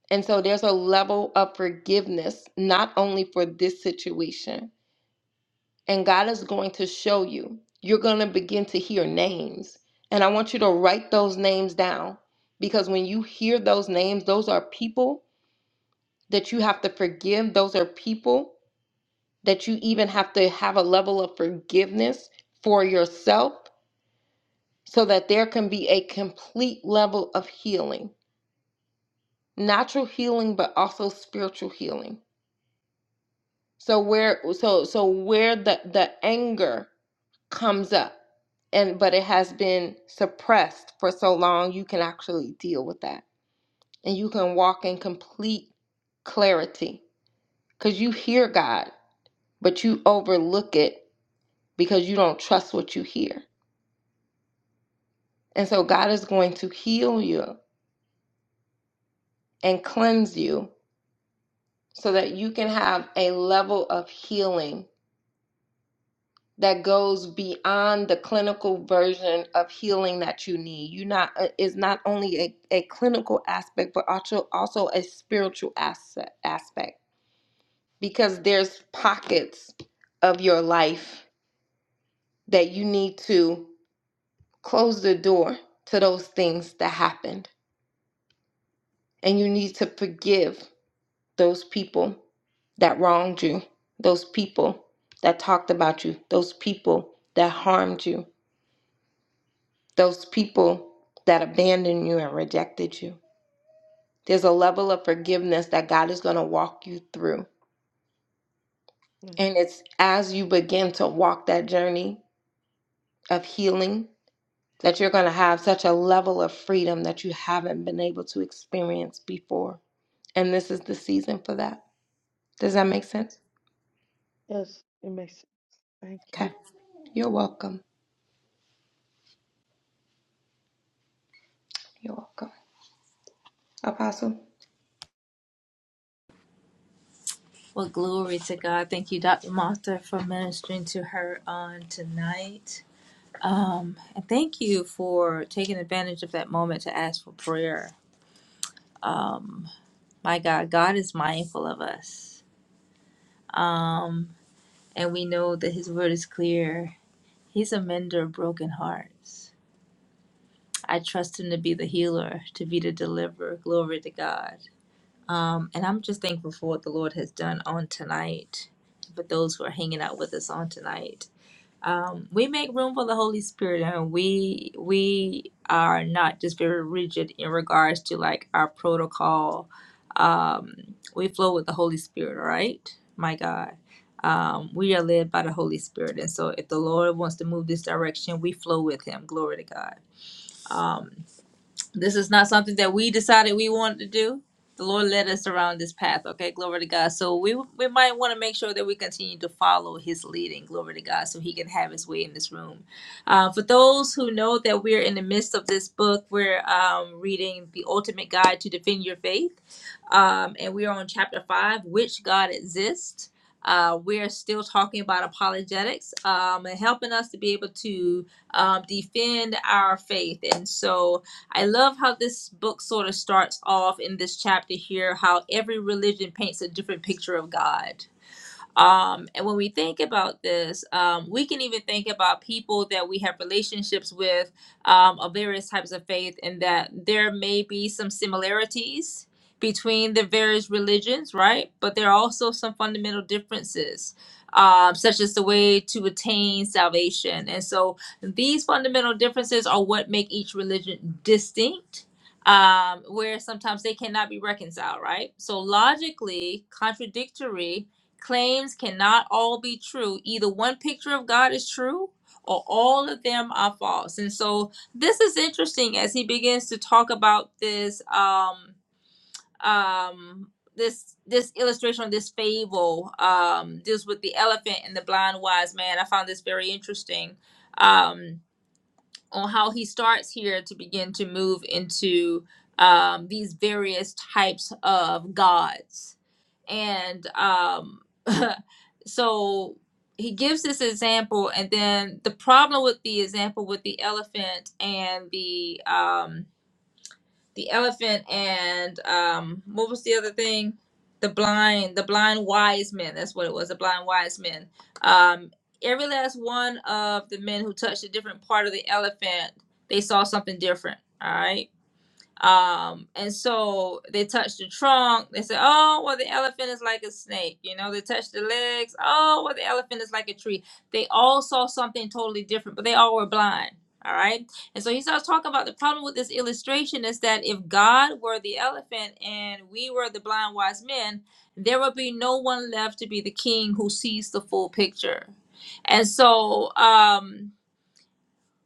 And so there's a level of forgiveness, not only for this situation. And God is going to show you. You're going to begin to hear names. And I want you to write those names down because when you hear those names, those are people that you have to forgive. Those are people that you even have to have a level of forgiveness for yourself so that there can be a complete level of healing, natural healing, but also spiritual healing. So where so so where the the anger comes up and but it has been suppressed for so long you can actually deal with that and you can walk in complete clarity cuz you hear God but you overlook it because you don't trust what you hear. And so God is going to heal you and cleanse you so that you can have a level of healing that goes beyond the clinical version of healing that you need. You not uh, is not only a, a clinical aspect, but also also a spiritual asset, aspect because there's pockets of your life that you need to close the door to those things that happened, and you need to forgive those people that wronged you, those people that talked about you, those people that harmed you those people that abandoned you and rejected you. There's a level of forgiveness that God is going to walk you through. Yes. And it's as you begin to walk that journey of healing that you're going to have such a level of freedom that you haven't been able to experience before. And this is the season for that. Does that make sense? Yes. It makes sense. Thank you. Okay. You're welcome. You're welcome. Apostle? well, glory to God. Thank you, Dr. Martha, for ministering to her on tonight. Um, and thank you for taking advantage of that moment to ask for prayer. Um, my God, God is mindful of us. Um, and we know that His word is clear. He's a mender of broken hearts. I trust Him to be the healer, to be the deliverer. Glory to God. Um, and I'm just thankful for what the Lord has done on tonight, for those who are hanging out with us on tonight. Um, we make room for the Holy Spirit, and we we are not just very rigid in regards to like our protocol. Um, we flow with the Holy Spirit, all right? My God, um, we are led by the Holy Spirit, and so if the Lord wants to move this direction, we flow with Him. Glory to God. Um, this is not something that we decided we wanted to do. The Lord led us around this path. Okay, glory to God. So we we might want to make sure that we continue to follow His leading. Glory to God, so He can have His way in this room. Uh, for those who know that we're in the midst of this book, we're um, reading the Ultimate Guide to Defend Your Faith, um, and we are on chapter five, which God exists. Uh, we're still talking about apologetics um, and helping us to be able to um, defend our faith. And so I love how this book sort of starts off in this chapter here how every religion paints a different picture of God um, and when we think about this, um, we can even think about people that we have relationships with um, of various types of faith, and that there may be some similarities between the various religions, right? But there are also some fundamental differences, um, such as the way to attain salvation. And so these fundamental differences are what make each religion distinct. Um, where sometimes they cannot be reconciled, right? So logically contradictory Claims cannot all be true. Either one picture of God is true or all of them are false. And so this is interesting as he begins to talk about this um um this this illustration of this fable um deals with the elephant and the blind wise man. I found this very interesting. Um on how he starts here to begin to move into um, these various types of gods and um so he gives this example and then the problem with the example with the elephant and the um the elephant and um what was the other thing the blind the blind wise men that's what it was the blind wise men um every last one of the men who touched a different part of the elephant they saw something different All right um, and so they touched the trunk. They said, "Oh, well, the elephant is like a snake." You know, they touched the legs. Oh, well, the elephant is like a tree. They all saw something totally different, but they all were blind. All right. And so he starts talking about the problem with this illustration is that if God were the elephant and we were the blind wise men, there would be no one left to be the king who sees the full picture. And so, um,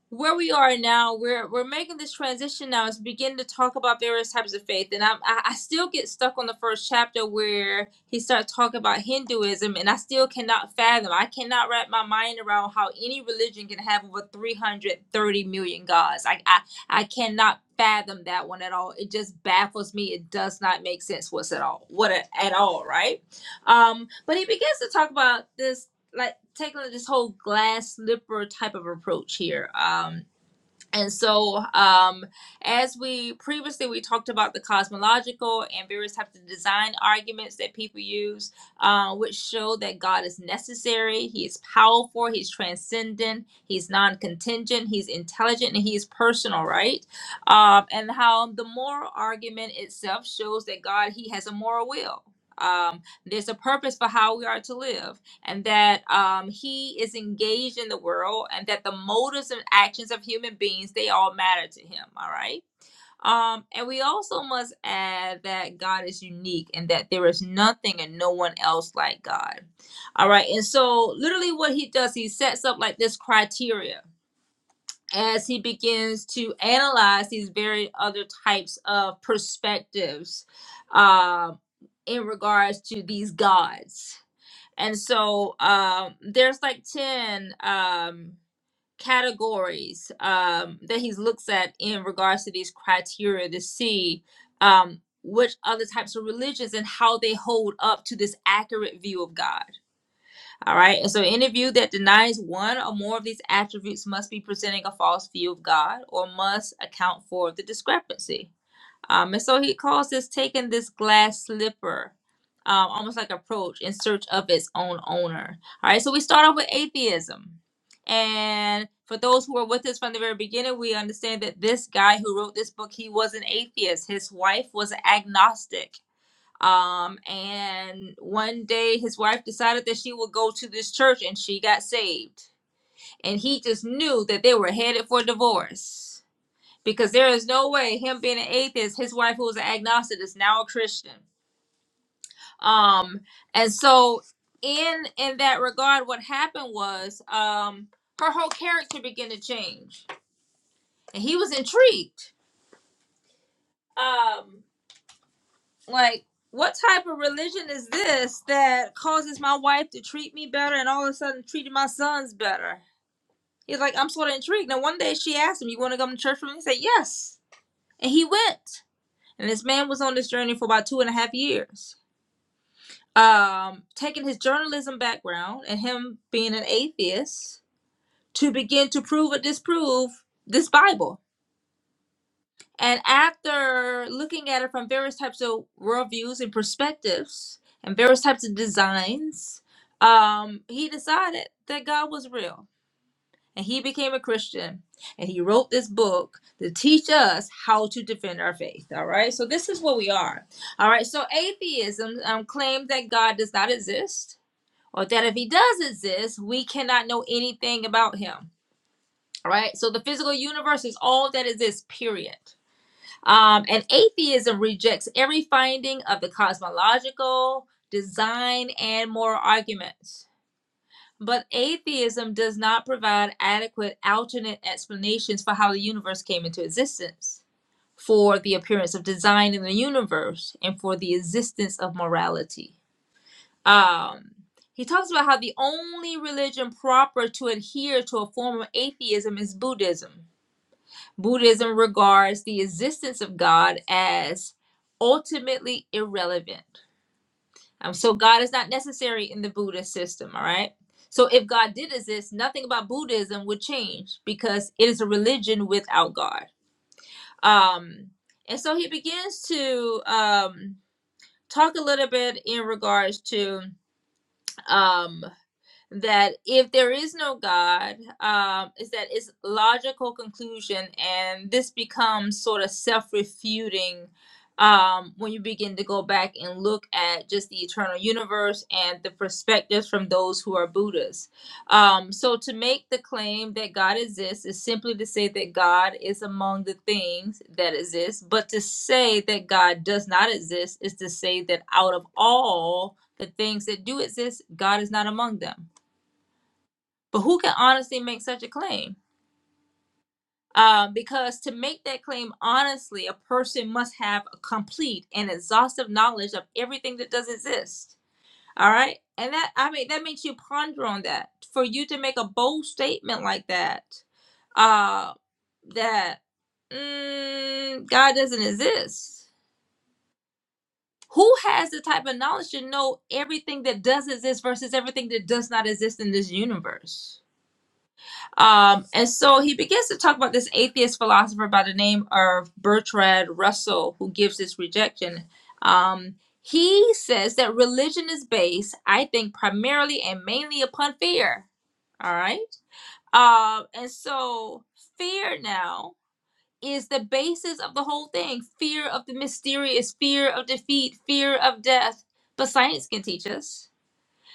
where we are now, we're we're making this transition now is begin to talk about various types of faith, and i I I still get stuck on the first chapter where he starts talking about Hinduism, and I still cannot fathom. I cannot wrap my mind around how any religion can have over 330 million gods. I I, I cannot fathom that one at all. It just baffles me. It does not make sense what's at all. What a, at all, right? Um, but he begins to talk about this like taking this whole glass slipper type of approach here. Um, and so, um, as we previously we talked about the cosmological and various types of design arguments that people use, uh, which show that God is necessary, He is powerful, He's transcendent, He's non-contingent, He's intelligent, and He is personal, right? Um, and how the moral argument itself shows that God He has a moral will. Um, there's a purpose for how we are to live and that um, he is engaged in the world and that the motives and actions of human beings they all matter to him all right um, and we also must add that god is unique and that there is nothing and no one else like god all right and so literally what he does he sets up like this criteria as he begins to analyze these very other types of perspectives um, in regards to these gods and so um, there's like 10 um, categories um, that he looks at in regards to these criteria to see um, which other types of religions and how they hold up to this accurate view of God. All right. And so any view that denies one or more of these attributes must be presenting a false view of God or must account for the discrepancy. Um, and so he calls this taking this glass slipper, um, almost like approach in search of its own owner. All right, so we start off with atheism. And for those who are with us from the very beginning, we understand that this guy who wrote this book, he was an atheist. His wife was an agnostic. Um, and one day his wife decided that she would go to this church and she got saved. And he just knew that they were headed for divorce because there is no way him being an atheist, his wife who was an agnostic is now a Christian. Um, and so in in that regard, what happened was um her whole character began to change, and he was intrigued. Um, like what type of religion is this that causes my wife to treat me better and all of a sudden treating my sons better? He's like, I'm sort of intrigued. Now one day she asked him, You want to come to church with me? He said, Yes. And he went. And this man was on this journey for about two and a half years um, taking his journalism background and him being an atheist to begin to prove or disprove this Bible. And after looking at it from various types of worldviews and perspectives and various types of designs, um, he decided that God was real and he became a Christian and he wrote this book to teach us how to defend our faith. All right, so this is what we are. All right, so atheism um, claims that God does not exist or that if he does exist, we cannot know anything about him. All right. So the physical universe is all that exists, period. Um, and atheism rejects every finding of the cosmological, design, and moral arguments. But atheism does not provide adequate alternate explanations for how the universe came into existence, for the appearance of design in the universe, and for the existence of morality. Um, he talks about how the only religion proper to adhere to a form of atheism is Buddhism. Buddhism regards the existence of God as ultimately irrelevant. Um, so God is not necessary in the Buddhist system, all right? So if God did exist, nothing about Buddhism would change because it is a religion without God. Um, and so he begins to um, talk a little bit in regards to um, that if there is no God, um, is that it's logical conclusion, and this becomes sort of self-refuting um, when you begin to go back and look at just the eternal universe and the perspectives from those who are Buddhists. Um, so to make the claim that God exists is simply to say that God is among the things that exist, but to say that God does not exist is to say that out of all the things that do exist, God is not among them. But who can honestly make such a claim? Um, because to make that claim honestly, a person must have a complete and exhaustive knowledge of everything that does exist. All right, and that I mean that makes you ponder on that. For you to make a bold statement like that, uh, that mm, God doesn't exist. Who has the type of knowledge to know everything that does exist versus everything that does not exist in this universe? Um, and so he begins to talk about this atheist philosopher by the name of Bertrand Russell, who gives this rejection. Um, he says that religion is based, I think, primarily and mainly upon fear. All right. Um, and so fear now is the basis of the whole thing fear of the mysterious, fear of defeat, fear of death. But science can teach us.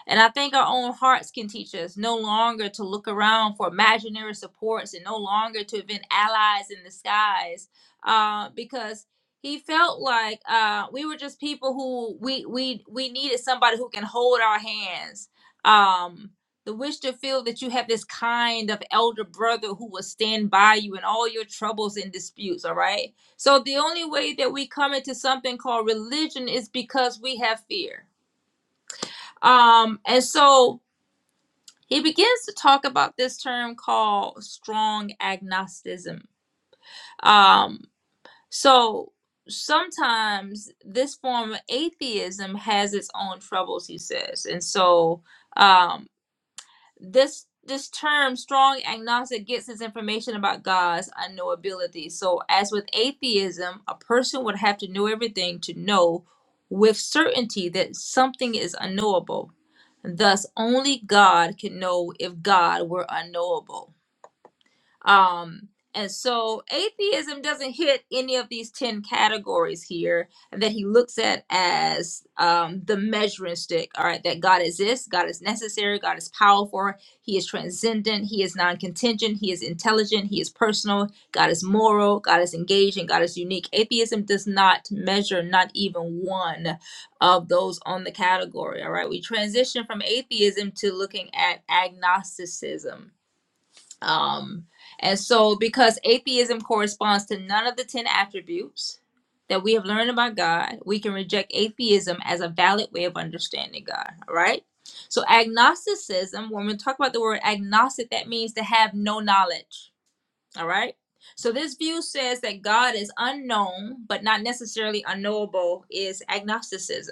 And I think our own hearts can teach us no longer to look around for imaginary supports and no longer to invent allies in disguise uh, because he felt like uh, we were just people who we, we, we needed somebody who can hold our hands. Um, the wish to feel that you have this kind of elder brother who will stand by you in all your troubles and disputes, all right? So the only way that we come into something called religion is because we have fear. Um, and so he begins to talk about this term called strong agnosticism. Um, so sometimes this form of atheism has its own troubles, he says. And so, um, this this term strong agnostic gets its information about God's unknowability. So as with atheism, a person would have to know everything to know with certainty that something is unknowable. Thus only God can know if God were unknowable. Um, and so atheism doesn't hit any of these 10 categories here that he looks at as um, the measuring stick. All right, that God exists, God is necessary, God is powerful, He is transcendent, He is non contingent, He is intelligent, He is personal, God is moral, God is engaging, God is unique. Atheism does not measure not even one of those on the category. All right, we transition from atheism to looking at agnosticism um, and so, because atheism corresponds to none of the 10 attributes that we have learned about God, we can reject atheism as a valid way of understanding God, all right? So, agnosticism, when we talk about the word agnostic, that means to have no knowledge, all right? So, this view says that God is unknown, but not necessarily unknowable, is agnosticism.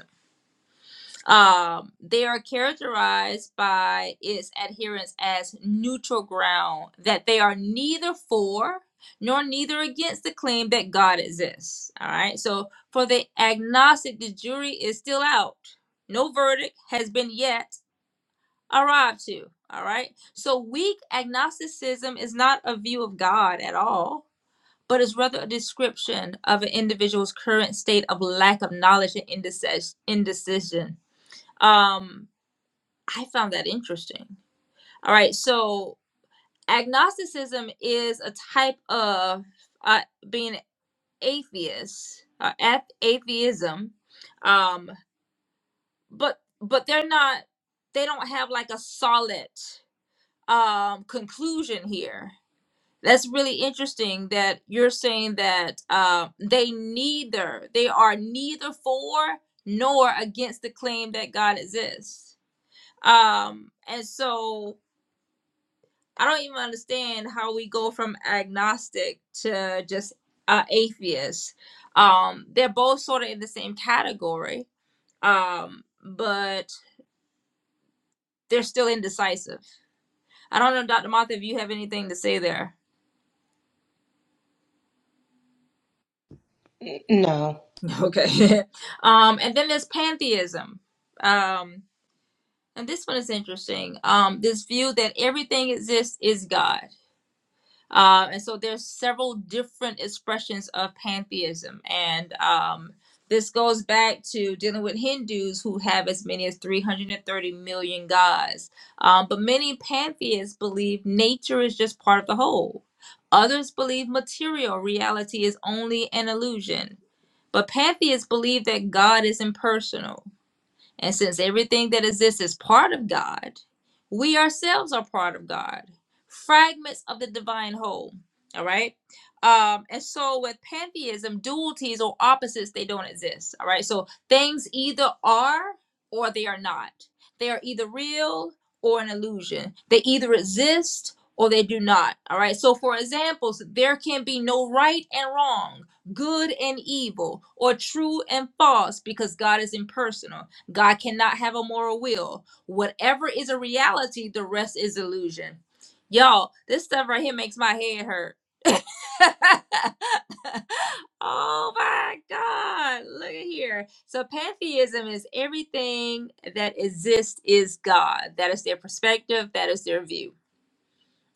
Um, they are characterized by its adherents as neutral ground, that they are neither for nor neither against the claim that God exists. All right. So for the agnostic, the jury is still out. No verdict has been yet arrived to. All right. So weak agnosticism is not a view of God at all, but is rather a description of an individual's current state of lack of knowledge and indecis- indecision. Um, I found that interesting. All right, so agnosticism is a type of uh, being atheist, uh, ath- atheism, um, but but they're not. They don't have like a solid um, conclusion here. That's really interesting that you're saying that uh, they neither they are neither for nor against the claim that God exists. Um, and so I don't even understand how we go from agnostic to just uh, atheist. Um, they're both sort of in the same category, um, but they're still indecisive. I don't know, Dr. Martha, if you have anything to say there. No. Okay. um, and then there's pantheism. Um, and this one is interesting. Um, this view that everything exists is God. Uh, and so there's several different expressions of pantheism, and um, this goes back to dealing with Hindus who have as many as 330 million gods. Um, but many pantheists believe nature is just part of the whole. Others believe material reality is only an illusion. But pantheists believe that God is impersonal. And since everything that exists is part of God, we ourselves are part of God, fragments of the divine whole. All right. Um, and so with pantheism, dualities or opposites, they don't exist. All right. So things either are or they are not. They are either real or an illusion. They either exist or they do not. All right. So for examples, there can be no right and wrong, good and evil, or true and false because God is impersonal God cannot have a moral will. Whatever is a reality, the rest is illusion. Y'all, this stuff right here makes my head hurt. oh my God. Look at here. So, pantheism is everything that exists is God. That is their perspective, that is their view.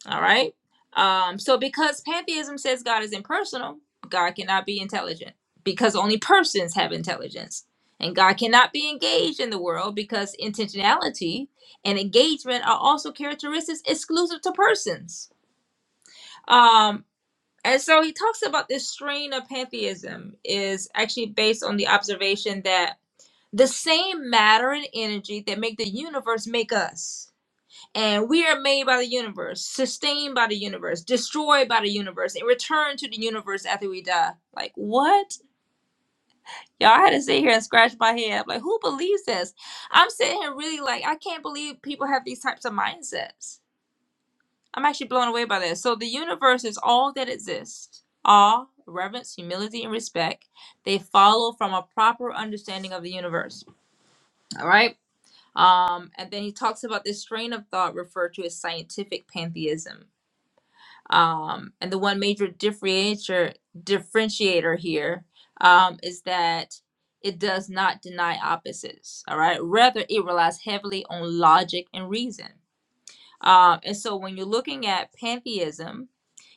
All right. Um, so because pantheism says God is impersonal, God cannot be intelligent because only persons have intelligence. And God cannot be engaged in the world because intentionality and engagement are also characteristics exclusive to persons. Um, and so he talks about this strain of pantheism is actually based on the observation that the same matter and energy that make the universe make us and we are made by the universe, sustained by the universe, destroyed by the universe, and returned to the universe after we die. Like, what? Y'all, I had to sit here and scratch my head. Like, who believes this? I'm sitting here really like, I can't believe people have these types of mindsets. I'm actually blown away by this. So, the universe is all that exists. Awe, reverence, humility, and respect. They follow from a proper understanding of the universe. All right. Um, and then he talks about this strain of thought referred to as scientific pantheism Um, and the one major differentiator differentiator here um, is that it does not deny opposites. All right, rather it relies heavily on logic and reason. Um, and so when you're looking at pantheism,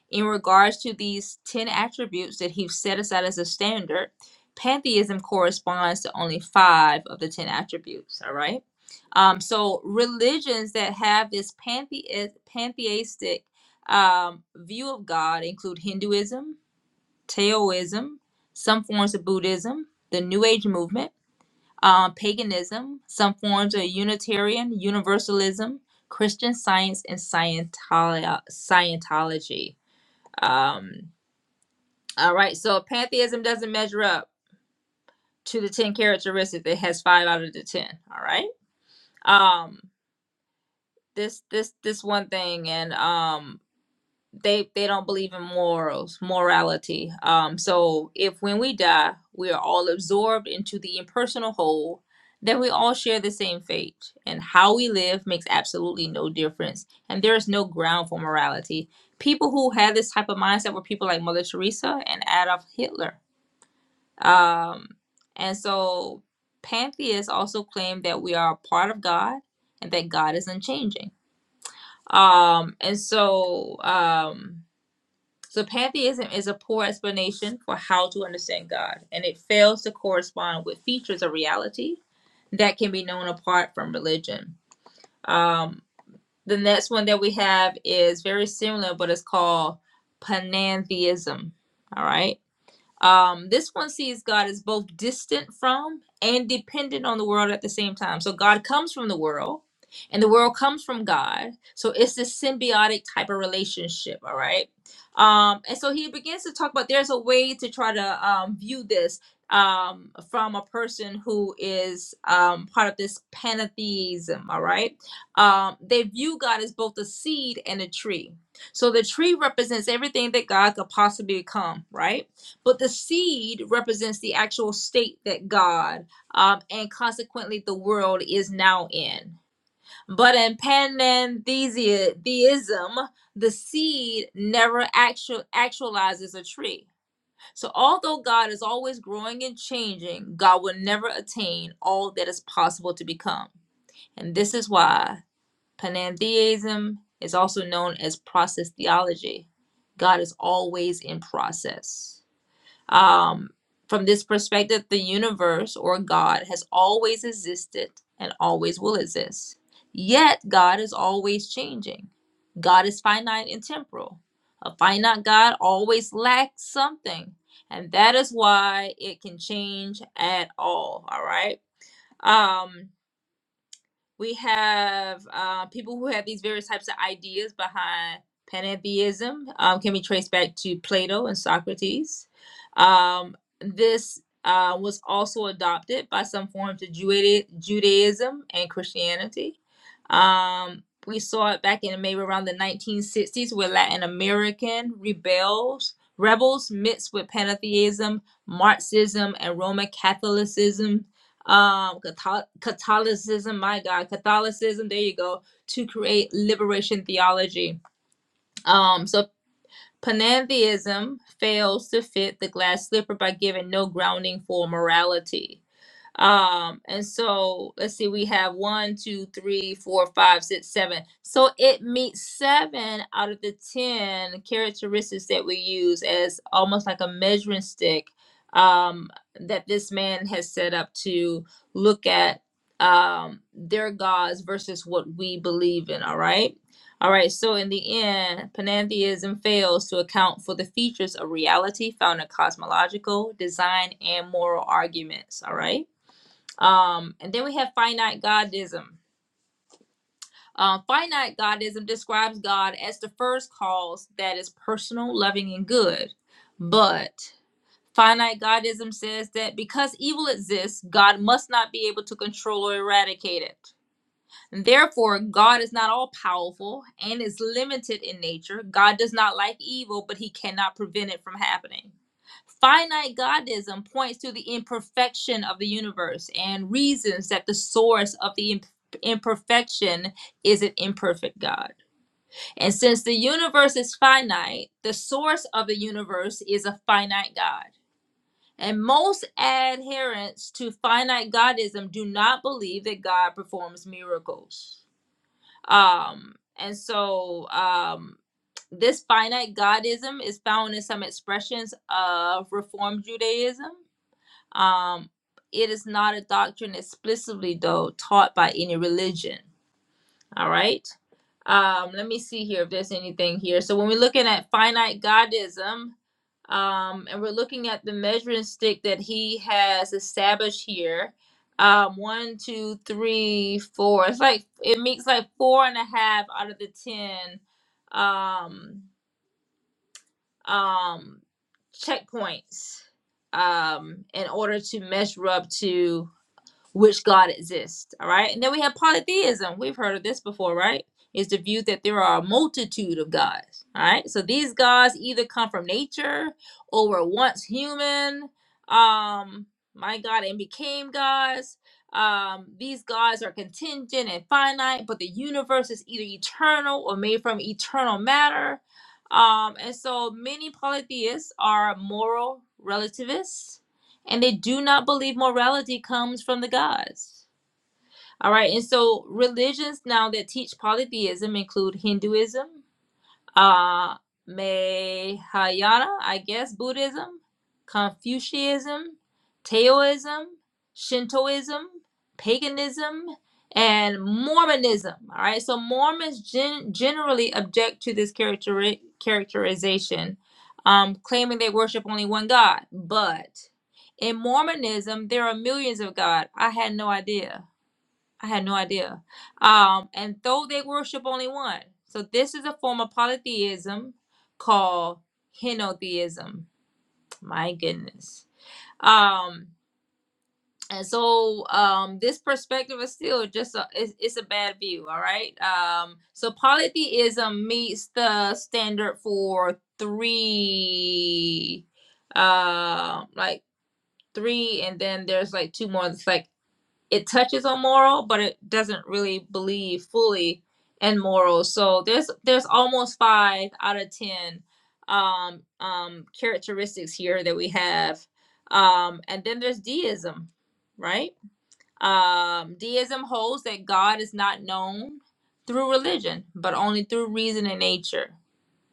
in regards to these 10 attributes that he's set aside as a standard, pantheism corresponds to only five of the 10 attributes, all right? Um, so religions that have this panthe- pantheistic um, view of God include Hinduism, Taoism, some forms of Buddhism, the New Age movement, um, paganism, some forms of Unitarian, Universalism, Christian Science, and Scientolo- Scientology. Um, all right. So pantheism doesn't measure up to the 10 characteristics. It has five out of the 10. All right. Um, this, this, this one thing. And, um, they, they don't believe in morals, morality. Um, so if when we die, we are all absorbed into the impersonal whole, then we all share the same fate and how we live makes absolutely no difference. And there is no ground for morality. People who had this type of mindset were people like Mother Teresa and Adolf Hitler Um, and so pantheists also claim that we are a part of God and that God is unchanging. Um, and so, um, so pantheism is a poor explanation for how to understand God, and it fails to correspond with features of reality that can be known apart from religion. Um, the next one that we have is very similar, but it's called panentheism. All right. Um, this one sees God as both distant from and dependent on the world at the same time. So God comes from the world, and the world comes from God. So it's this symbiotic type of relationship. All right. Um, and so he begins to talk about there's a way to try to um, view this um, from a person who is um, part of this pantheism. All right. Um, they view God as both a seed and a tree. So the tree represents everything that God could possibly become, right? but the seed represents the actual state that God um, and consequently the world is now in. But in panentheism, the seed never actual, actualizes a tree. So, although God is always growing and changing, God will never attain all that is possible to become. And this is why panentheism is also known as process theology. God is always in process. Um, from this perspective, the universe or God has always existed and always will exist. Yet, God is always changing. God is finite and temporal. A finite God always lacks something, and that is why it can change at all. All right. Um, we have uh, people who have these various types of ideas behind pantheism, um, can be traced back to Plato and Socrates. Um, this uh, was also adopted by some forms of Judaism and Christianity. Um, we saw it back in maybe around the 1960s where Latin American rebels, rebels mixed with pantheism, Marxism, and Roman Catholicism um Catho- catholicism my god catholicism there you go to create liberation theology um so panentheism fails to fit the glass slipper by giving no grounding for morality um, and so let's see, we have one, two, three, four, five, six, seven. So it meets seven out of the ten characteristics that we use as almost like a measuring stick um, that this man has set up to look at um, their gods versus what we believe in. All right. All right, so in the end, pantheism fails to account for the features of reality found in cosmological, design, and moral arguments. All right. Um, and then we have finite godism. Uh, finite godism describes God as the first cause that is personal, loving, and good. But finite godism says that because evil exists, God must not be able to control or eradicate it. Therefore, God is not all powerful and is limited in nature. God does not like evil, but he cannot prevent it from happening. Finite godism points to the imperfection of the universe and reasons that the source of the imp- imperfection is an imperfect God. And since the universe is finite, the source of the universe is a finite God. And most adherents to finite godism do not believe that God performs miracles. Um, and so um, this finite godism is found in some expressions of Reform Judaism. Um, it is not a doctrine explicitly, though, taught by any religion. All right. Um, let me see here if there's anything here. So when we're looking at finite godism, um, and we're looking at the measuring stick that he has established here. Um, one, two, three, four. It's like it makes like four and a half out of the ten um, um, checkpoints um, in order to measure up to which God exists. All right. And then we have polytheism. We've heard of this before, right? Is the view that there are a multitude of gods. All right. So these gods either come from nature or were once human, um, my God, and became gods. Um, these gods are contingent and finite, but the universe is either eternal or made from eternal matter. Um, and so many polytheists are moral relativists and they do not believe morality comes from the gods. All right, and so religions now that teach polytheism include Hinduism, uh, Mahayana, I guess, Buddhism, Confucianism, Taoism, Shintoism, paganism, and Mormonism. All right, so Mormons gen- generally object to this character- characterization, um, claiming they worship only one God. But in Mormonism, there are millions of God. I had no idea. I had no idea. Um, and though they worship only one. So this is a form of polytheism called henotheism. My goodness. Um, and so um, this perspective is still just a it's, it's a bad view, all right? Um, so polytheism meets the standard for three uh, like three and then there's like two more it's like it touches on moral, but it doesn't really believe fully in moral. So there's there's almost five out of ten um, um, characteristics here that we have, um, and then there's deism, right? Um, deism holds that God is not known through religion, but only through reason and nature.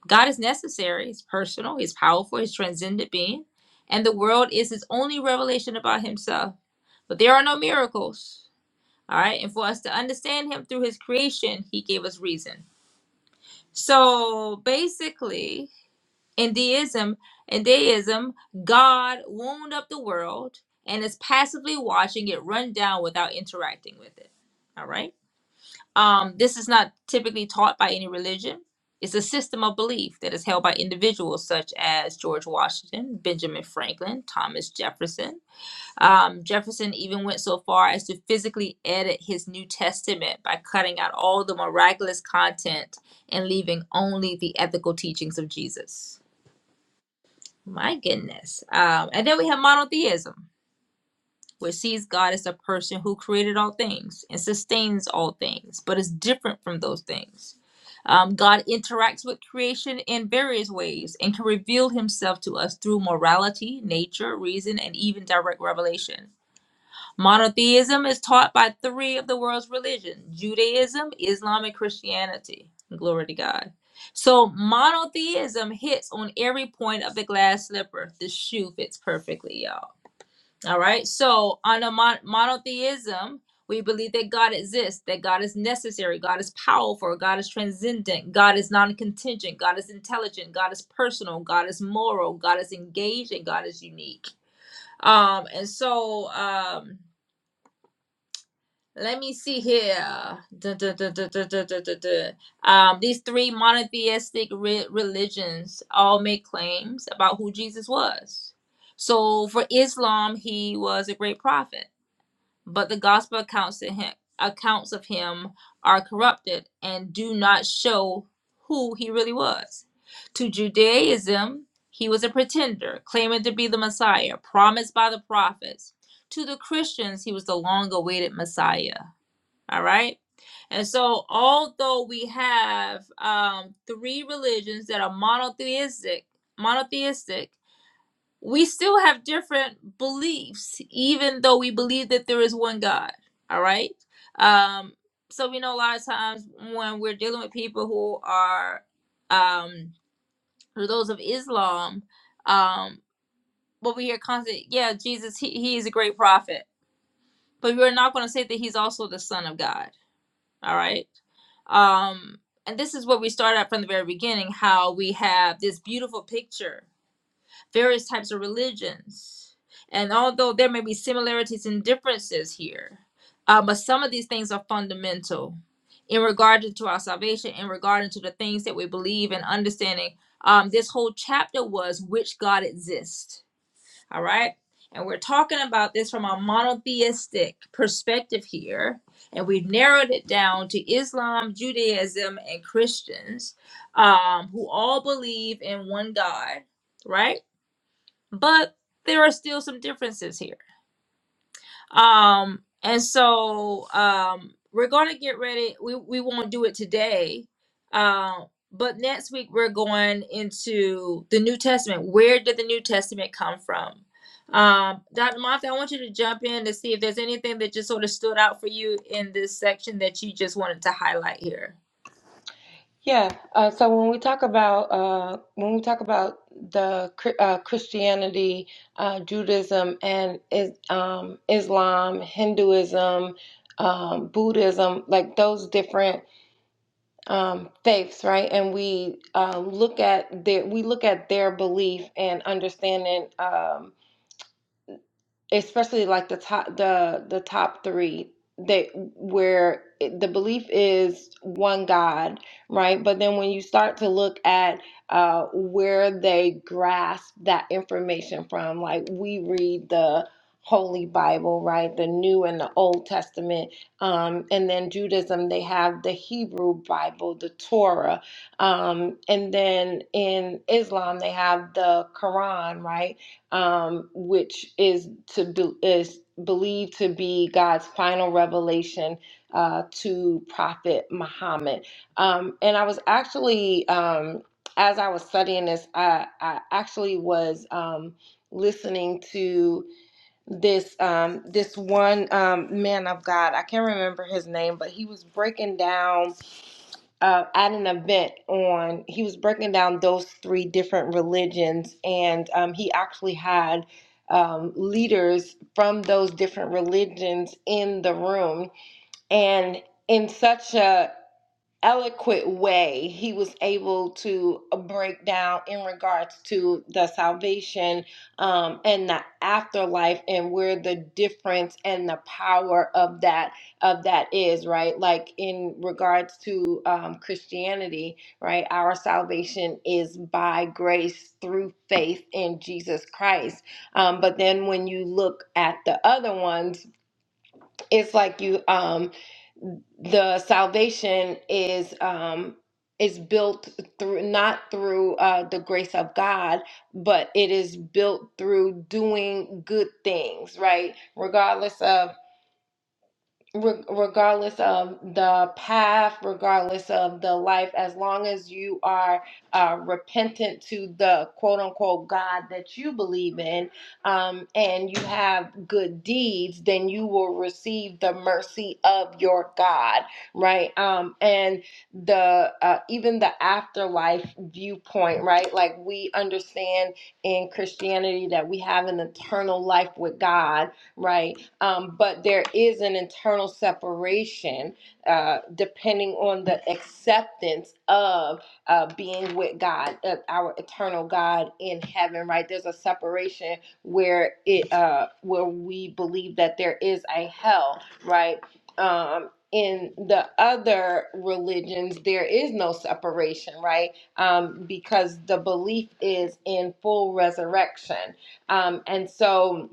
God is necessary. He's personal. He's powerful. He's transcendent being, and the world is his only revelation about Himself. But there are no miracles all right. And for us to understand him through his creation, he gave us reason. So basically, in deism, in deism, God wound up the world and is passively watching it run down without interacting with it. All right. Um, this is not typically taught by any religion. It's a system of belief that is held by individuals such as George Washington, Benjamin Franklin, Thomas Jefferson, um, Jefferson even went so far as to physically edit his New Testament by cutting out all the miraculous content and leaving only the ethical teachings of Jesus. My goodness. Um, and then we have monotheism, which sees God as a person who created all things and sustains all things, but is different from those things. Um, God interacts with creation in various ways and can reveal himself to us through morality, nature, reason, and even direct revelation. Monotheism is taught by three of the world's religions Judaism, Islam, and Christianity. Glory to God. So, monotheism hits on every point of the glass slipper. The shoe fits perfectly, y'all. All right. So, on a mon- monotheism, we believe that God exists, that God is necessary, God is powerful, God is transcendent, God is non contingent, God is intelligent, God is personal, God is moral, God is engaged, and God is unique. Um, and so, um, let me see here. Duh, duh, duh, duh, duh, duh, duh, duh, duh. Um, these three monotheistic re- religions all make claims about who Jesus was. So for Islam, he was a great prophet, but the gospel accounts to him, accounts of him are corrupted and do not show who he really was. To Judaism, he was a pretender, claiming to be the Messiah promised by the prophets. To the Christians, he was the long-awaited Messiah all right. And so, although we have um, three religions that are monotheistic, monotheistic, we still have different beliefs, even though we believe that there is one God. All right. Um, so we know a lot of times when we're dealing with people who are, um, who those of Islam, um, what we hear constantly, yeah, Jesus, he, he is a great prophet, but we're not going to say that he's also the son of God. All right um and this is what we started out from the very beginning how we have this beautiful picture various types of religions and although there may be similarities and differences here uh, but some of these things are fundamental in regard to our salvation in regard to the things that we believe and understanding um, this whole chapter was which god exists all right. And we're talking about this from a monotheistic perspective here. And we've narrowed it down to Islam, Judaism, and Christians um, who all believe in one God, right? But there are still some differences here. Um, and so um, we're going to get ready. We, we won't do it today. Um, but next week, we're going into the New Testament. Where did the New Testament come from? Um, Dr. Martha, I want you to jump in to see if there's anything that just sort of stood out for you in this section that you just wanted to highlight here. Yeah. Uh, so when we talk about uh, when we talk about the Chri- uh, Christianity, uh, Judaism, and is, um, Islam, Hinduism, um, Buddhism, like those different um, faiths, right? And we uh, look at their we look at their belief and understanding. Um, especially like the top the the top three that where it- the belief is one god right but then when you start to look at uh where they grasp that information from like we read the holy bible right the new and the old testament um and then judaism they have the hebrew bible the torah um and then in islam they have the quran right um, which is to be, is believed to be God's final revelation uh, to Prophet Muhammad. Um, and I was actually, um, as I was studying this, I, I actually was um, listening to this um, this one um, man of God. I can't remember his name, but he was breaking down uh, at an event on he was breaking down those three different religions and um, he actually had um, leaders from those different religions in the room and in such a eloquent way he was able to uh, break down in regards to the salvation um, and the afterlife and where the difference and the power of that of that is right like in regards to um, christianity right our salvation is by grace through faith in jesus christ um, but then when you look at the other ones it's like you um the salvation is um is built through not through uh the grace of God but it is built through doing good things right regardless of re- regardless of the path, regardless of the life, as long as you are uh, repentant to the quote unquote God that you believe in um, and you have good deeds, then you will receive the mercy of your God, right? Um, and the uh, even the afterlife viewpoint, right? Like we understand in Christianity that we have an eternal life with God right? Um, but there is an internal separation uh, depending on the acceptance of uh, being with God, uh, our eternal God in heaven, right? There's a separation where it uh, where we believe that there is a hell, right? Um, in the other religions, there is no separation, right? Um, because the belief is in full resurrection. Um, and so,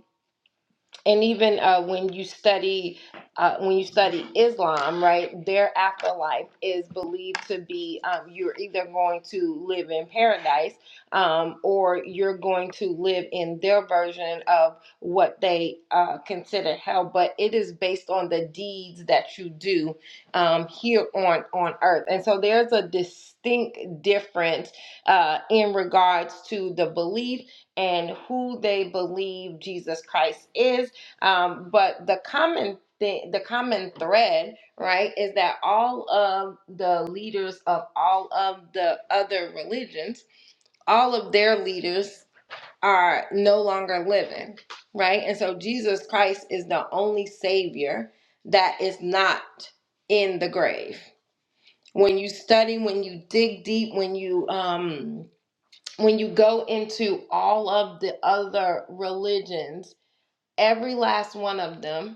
and even uh, when you study uh, when you study Islam, right, their afterlife is believed to be um, you're either going to live in paradise um, or you're going to live in their version of what they uh, consider hell. But it is based on the deeds that you do um, here on on earth, and so there's a distinct difference uh, in regards to the belief and who they believe Jesus Christ is um, but the common thing, the common thread, right, is that all of the leaders of all of the other religions, all of their leaders are no longer living, right? And so Jesus Christ is the only savior that is not in the grave. When you study, when you dig deep, when you um when you go into all of the other religions, every last one of them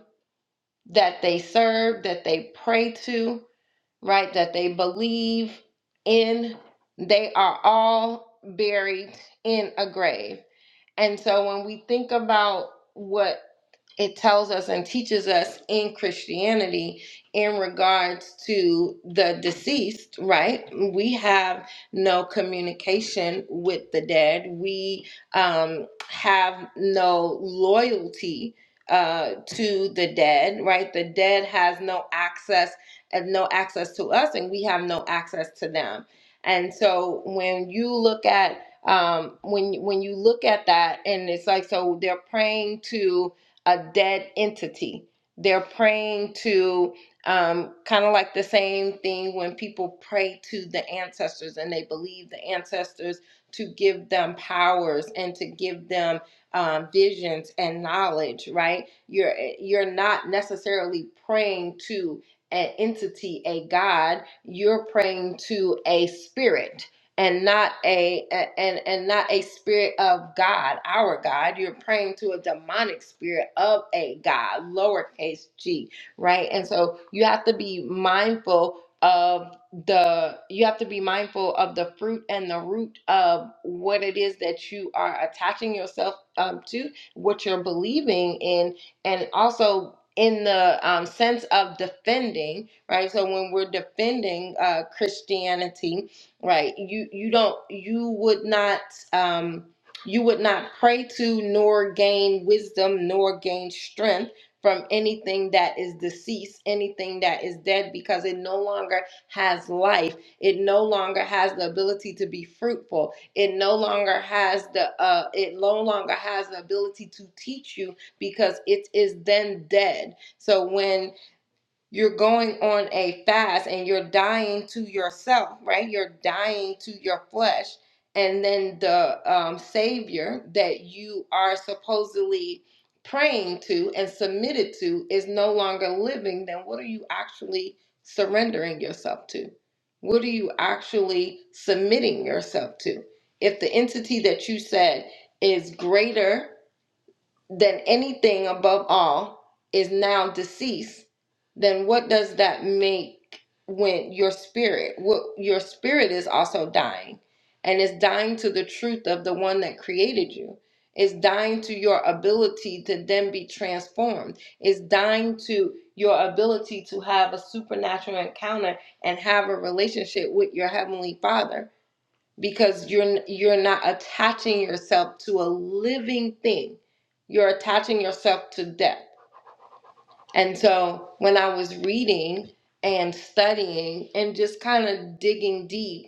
that they serve, that they pray to, right? That they believe in. They are all buried in a grave. And so when we think about what it tells us and teaches us in Christianity in regards to the deceased, right? We have no communication with the dead. We um, have no loyalty uh, to the dead, right? The dead has no access and no access to us, and we have no access to them. And so when you look at um, when when you look at that, and it's like so they're praying to a dead entity. They're praying to um, kind of like the same thing when people pray to the ancestors and they believe the ancestors to give them powers and to give them um, visions and knowledge. Right? You're you're not necessarily praying to an entity, a god. You're praying to a spirit and not a a- and and not a spirit of God, our God. You're praying to a demonic spirit of a God, lowercase g, right? And so you have to be mindful of the you have to be mindful of the fruit and the root of what it is that you are attaching yourself um, to, what you're believing in, and also in the um, sense of defending, right? So when we're defending uh, Christianity, right you you don't you would not um you would not pray to nor gain wisdom nor gain strength from anything that is deceased anything that is dead because it no longer has life it no longer has the ability to be fruitful it no longer has the uh it no longer has the ability to teach you because it is then dead so when you're going on a fast and you're dying to yourself, right? You're dying to your flesh. And then the um, Savior that you are supposedly praying to and submitted to is no longer living, then what are you actually surrendering yourself to? What are you actually submitting yourself to? If the entity that you said is greater than anything above all is now deceased, then what does that make when your spirit, what your spirit is also dying and is dying to the truth of the one that created you. Is dying to your ability to then be transformed. Is dying to your ability to have a supernatural encounter and have a relationship with your heavenly Father because you're you're not attaching yourself to a living thing you're attaching yourself to death and so when i was reading and studying and just kind of digging deep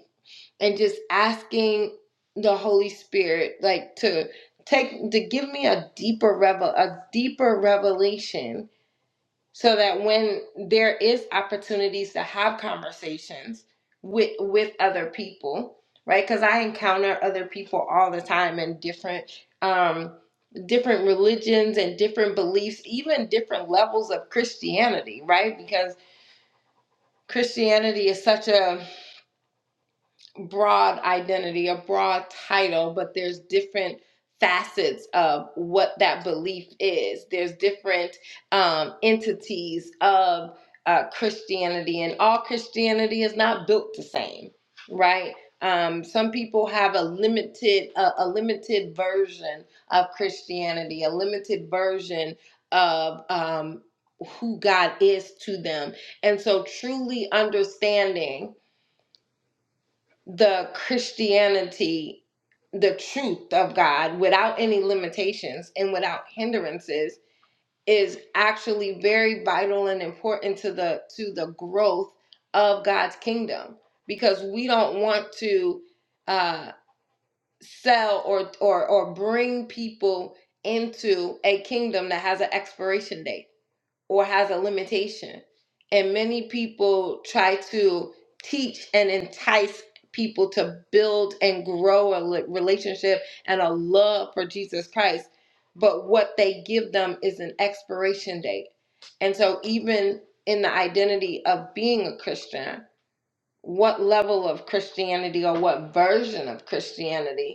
and just asking the holy spirit like to take to give me a deeper revel a deeper revelation so that when there is opportunities to have conversations with with other people right because i encounter other people all the time in different um different religions and different beliefs even different levels of christianity right because christianity is such a broad identity, a broad title, but there's different facets of what that belief is. There's different um, entities of uh, Christianity, and all Christianity is not built the same, right? Um, some people have a limited a, a limited version of Christianity, a limited version of um, who God is to them, and so truly understanding the Christianity, the truth of God without any limitations and without hindrances is actually very vital and important to the to the growth of God's kingdom because we don't want to uh sell or or or bring people into a kingdom that has an expiration date or has a limitation. And many people try to teach and entice people to build and grow a li- relationship and a love for Jesus Christ. But what they give them is an expiration date. And so, even in the identity of being a Christian, what level of Christianity or what version of Christianity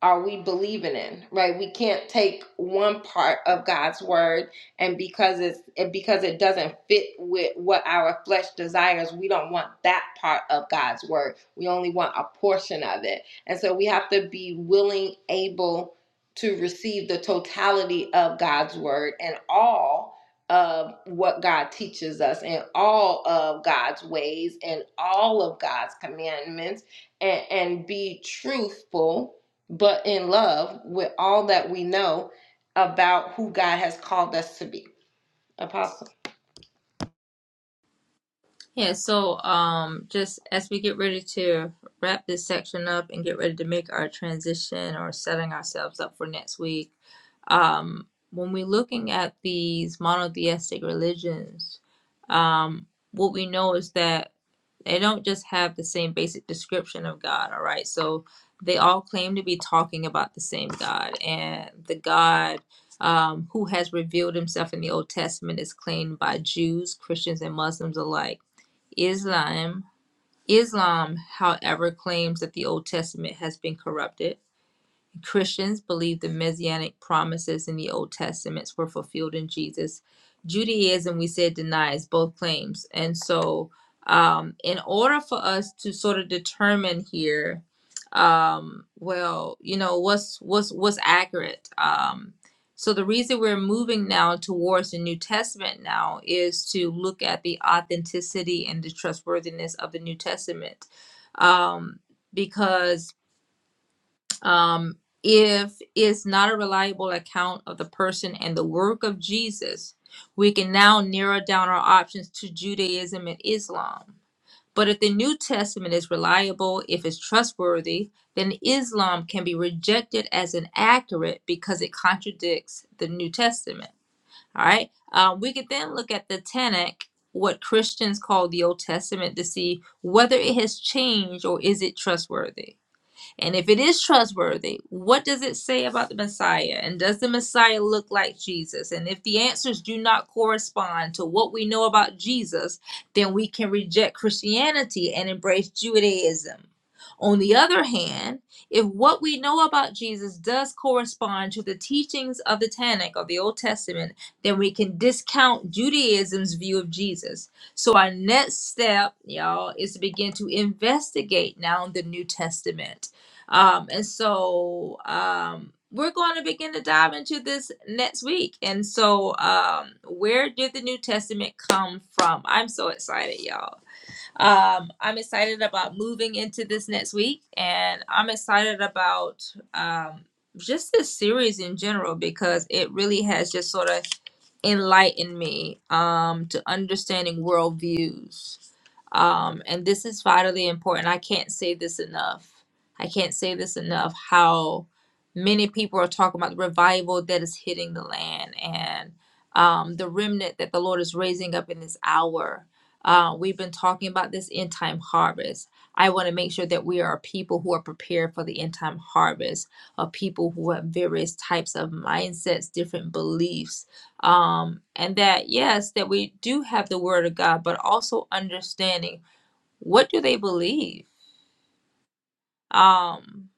are we believing in right we can't take one part of god's word and because it's and because it doesn't fit with what our flesh desires we don't want that part of god's word we only want a portion of it and so we have to be willing able to receive the totality of god's word and all of what god teaches us and all of god's ways and all of god's commandments and, and be truthful but in love with all that we know about who God has called us to be. Apostle. Yeah, so um, just as we get ready to wrap this section up and get ready to make our transition or setting ourselves up for next week, um, when we're looking at these monotheistic religions, um, what we know is that they don't just have the same basic description of God, all right? So they all claim to be talking about the same God, and the God um, who has revealed himself in the Old Testament is claimed by Jews, Christians, and Muslims alike Islam, Islam, however, claims that the Old Testament has been corrupted. Christians believe the messianic promises in the Old Testaments were fulfilled in Jesus. Judaism, we said, denies both claims. And so, um, in order for us to sort of determine here, um, well, you know, what's what's what's accurate. Um, so the reason we're moving now towards the New Testament now is to look at the authenticity and the trustworthiness of the New Testament, um, because um, if it's not a reliable account of the person and the work of Jesus, we can now narrow down our options to Judaism and Islam. But if the New Testament is reliable, if it's trustworthy, then Islam can be rejected as inaccurate because it contradicts the New Testament. All right. Um, we could then look at the Tanakh, what Christians call the Old Testament, to see whether it has changed or is it trustworthy. And if it is trustworthy, what does it say about the Messiah? And does the Messiah look like Jesus? And if the answers do not correspond to what we know about Jesus, then we can reject Christianity and embrace Judaism. On the other hand, if what we know about Jesus does correspond to the teachings of the Tanakh of the Old Testament, then we can discount Judaism's view of Jesus. So our next step, y'all, is to begin to investigate now the New Testament um, and so um, we're going to begin to dive into this next week. And so, um, where did the New Testament come from? I'm so excited, y'all. Um, I'm excited about moving into this next week, and I'm excited about um, just this series in general because it really has just sort of enlightened me um, to understanding worldviews um, and this is vitally important. I can't say this enough. I can't say this enough how many people are talking about the revival that is hitting the land and um, the remnant that the Lord is raising up in this hour. Uh, we've been talking about this end time harvest. I want to make sure that we are people who are prepared for the end time harvest of people who have various types of mindsets, different beliefs, um and that yes that we do have the word of god but also understanding what do they believe um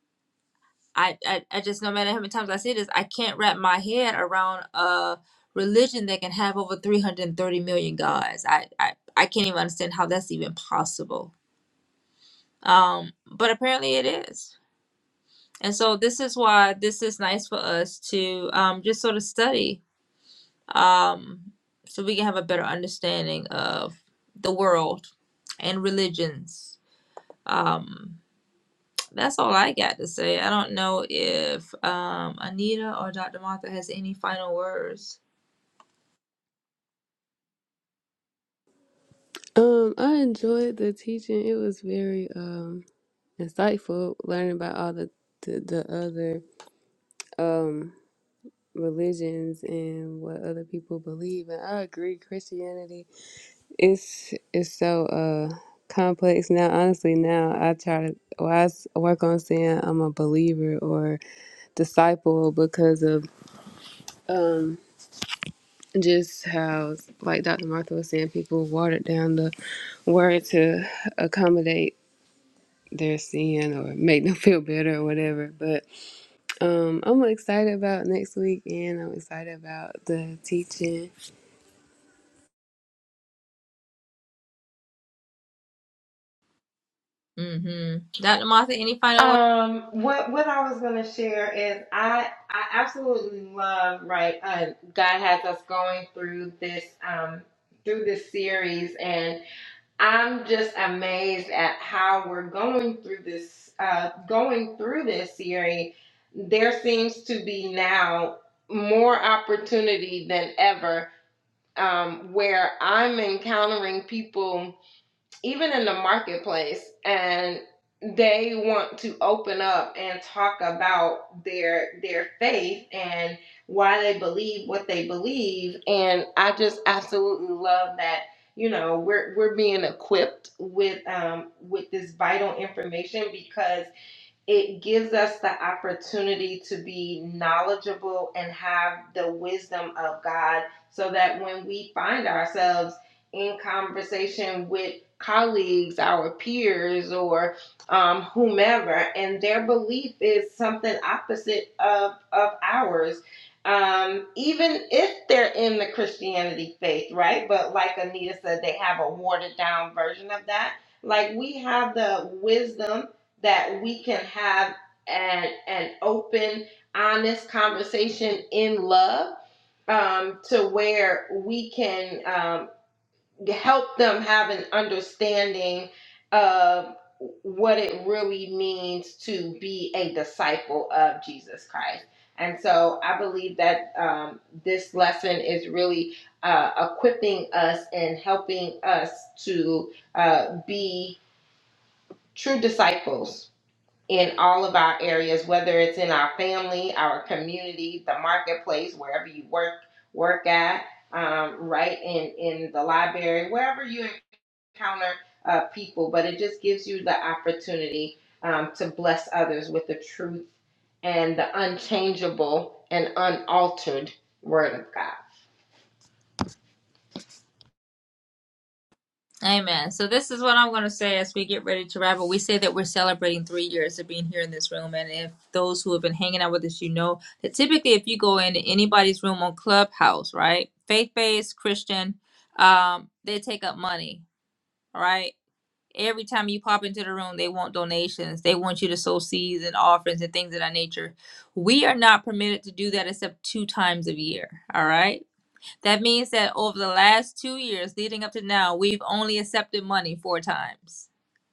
i i, I just no matter how many times i say this i can't wrap my head around a religion that can have over 330 million gods i i, I can't even understand how that's even possible um but apparently it is and so this is why this is nice for us to um just sort of study um, so we can have a better understanding of the world and religions. Um, that's all I got to say. I don't know if um, Anita or Dr. Martha has any final words. Um, I enjoyed the teaching. It was very um insightful learning about all the the, the other um religions and what other people believe. And I agree, Christianity. It's it's so uh complex now. Honestly, now I try to well, I s- work on saying I'm a believer or disciple because of um just how like Dr. Martha was saying, people watered down the word to accommodate their sin or make them feel better or whatever. But um I'm excited about next week and I'm excited about the teaching. Mm-hmm. Dr. Martha, any final words? Um, what what I was gonna share is I I absolutely love right. Uh, God has us going through this um through this series, and I'm just amazed at how we're going through this uh going through this series. There seems to be now more opportunity than ever um, where I'm encountering people, even in the marketplace, and they want to open up and talk about their their faith and why they believe what they believe. And I just absolutely love that. You know, we're we're being equipped with um, with this vital information because it gives us the opportunity to be knowledgeable and have the wisdom of God so that when we find ourselves in conversation with colleagues, our peers, or um, whomever, and their belief is something opposite of, of ours. Um, even if they're in the Christianity faith, right? But like Anita said, they have a watered down version of that. Like we have the wisdom that we can have an an open, honest conversation in love um, to where we can um, help them have an understanding of what it really means to be a disciple of Jesus Christ. And so I believe that um, this lesson is really uh, equipping us and helping us to uh, be true disciples in all of our areas, whether it's in our family, our community, the marketplace, wherever you work work at, um, right in in the library, wherever you encounter uh, people. But it just gives you the opportunity um, to bless others with the truth and the unchangeable and unaltered Word of God. Amen. So this is what I'm going to say as we get ready to wrap up. We say that we're celebrating three years of being here in this room, and if those who have been hanging out with us, you know that typically if you go into anybody's room on Clubhouse, right, faith-based Christian, um, they take up money, all right. Every time you pop into the room, they want donations. They want you to sow seeds and offerings and things of that nature. We are not permitted to do that except two times a year, all right that means that over the last two years leading up to now, we've only accepted money four times.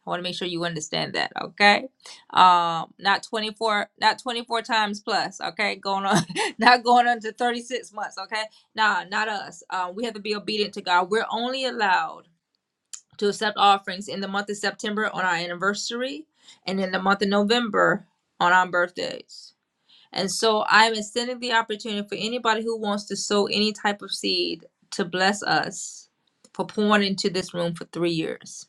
I want to make sure you understand that, okay? Um, not 24, not 24 times plus, okay? Going on, not going on to 36 months, okay? Nah, not us. Uh, we have to be obedient to God. We're only allowed to accept offerings in the month of September on our anniversary and in the month of November on our birthdays. And so I'm extending the opportunity for anybody who wants to sow any type of seed to bless us for pouring into this room for three years.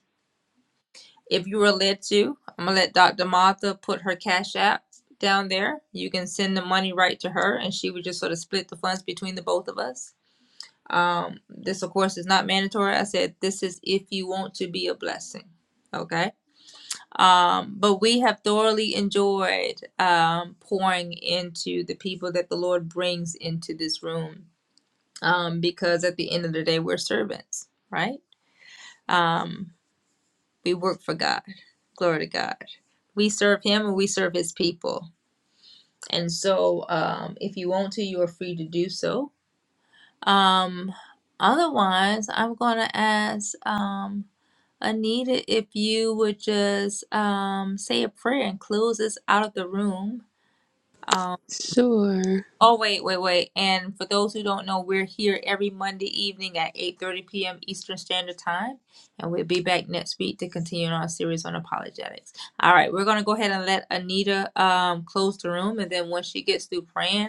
If you are led to, I'm going to let Dr. Martha put her cash app down there. You can send the money right to her and she would just sort of split the funds between the both of us. Um, this, of course, is not mandatory. I said this is if you want to be a blessing. Okay. Um, but we have thoroughly enjoyed um, pouring into the people that the Lord brings into this room um, because at the end of the day, we're servants, right? Um, we work for God. Glory to God. We serve Him and we serve His people. And so um, if you want to, you are free to do so. Um, otherwise, I'm going to ask um, Anita if you would just um, say a prayer and close us out of the room Um, Sure. oh wait, wait, wait. And for those who don't know, we're here every Monday evening at 8:30 p.m. Eastern Standard Time, and we'll be back next week to continue our series on apologetics. All right, we're gonna go ahead and let Anita um close the room, and then once she gets through praying,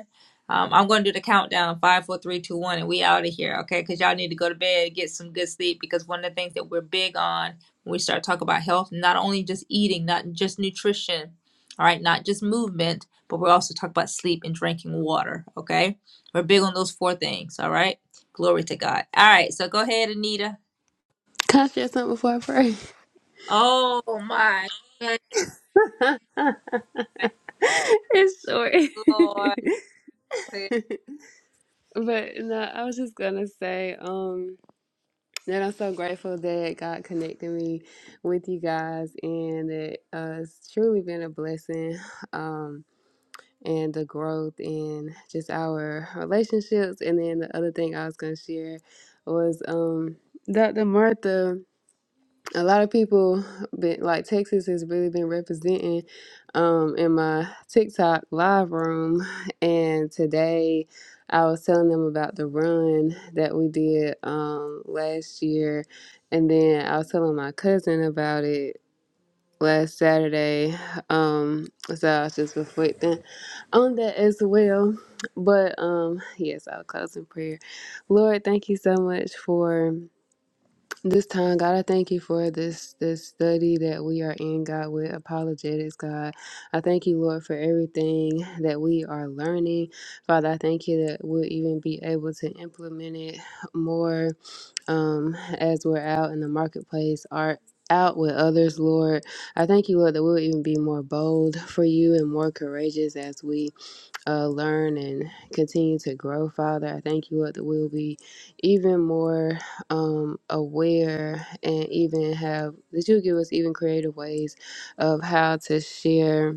um, I'm gonna do the countdown five, four, three, two, one, and we out of here, okay? Because y'all need to go to bed, get some good sleep, because one of the things that we're big on when we start talking about health, not only just eating, not just nutrition, all right, not just movement but we also talk about sleep and drinking water. Okay, we're big on those four things. All right, glory to God. All right, so go ahead, Anita. Can I share something before I pray? Oh my good it's short. Lord. but no, I was just gonna say, um, that I'm so grateful that God connected me with you guys and that uh, it's truly been a blessing. Um and the growth in just our relationships. And then the other thing I was gonna share was um Dr. Martha. a lot of people been like Texas has really been representing um in my TikTok live room and today I was telling them about the run that we did um last year and then I was telling my cousin about it last Saturday. Um so I was just reflecting on that as well. But um yes, I'll close in prayer. Lord, thank you so much for this time, God, I thank you for this this study that we are in, God, with apologetics, God. I thank you, Lord, for everything that we are learning. Father, I thank you that we'll even be able to implement it more um, as we're out in the marketplace, art out with others, Lord. I thank you, Lord, that we'll even be more bold for you and more courageous as we uh, learn and continue to grow, Father. I thank you Lord, that we'll be even more um, aware and even have, that you'll give us even creative ways of how to share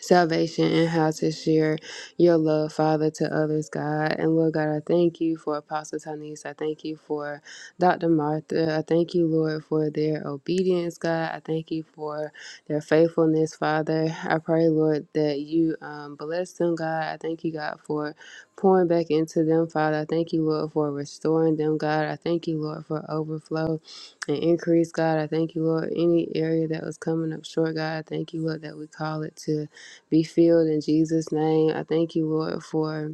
salvation and how to share your love, Father, to others, God. And Lord God, I thank you for Apostle Tanis. I thank you for Dr. Martha. I thank you, Lord, for their obedience, God. I thank you for their faithfulness, Father. I pray, Lord, that you um, bless them, God. I thank you, God, for pouring back into them, Father. I thank you, Lord, for restoring them, God. I thank you, Lord, for overflow and increase, God. I thank you, Lord, any area that was coming up short, God. I thank you, Lord, that we call it to be filled in Jesus' name. I thank you, Lord, for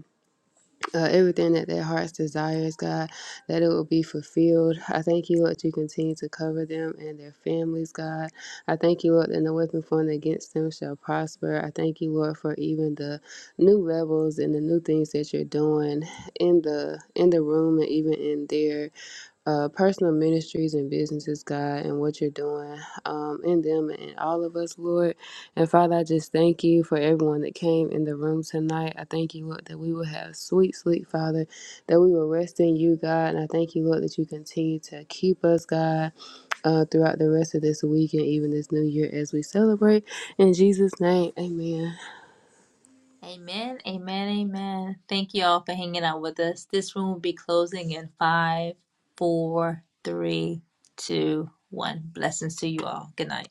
uh, everything that their hearts desires, God, that it will be fulfilled. I thank you, Lord, that you continue to cover them and their families, God. I thank you, Lord, that no weapon formed against them shall prosper. I thank you, Lord, for even the new levels and the new things that you're doing in the in the room and even in there uh, personal ministries and businesses, God, and what you're doing um, in them and in all of us, Lord. And Father, I just thank you for everyone that came in the room tonight. I thank you, Lord, that we will have sweet sleep, Father, that we will rest in you, God. And I thank you, Lord, that you continue to keep us, God, uh, throughout the rest of this week and even this new year as we celebrate. In Jesus' name, amen. Amen, amen, amen. Thank you all for hanging out with us. This room will be closing in five, four, three, two, one. Blessings to you all. Good night.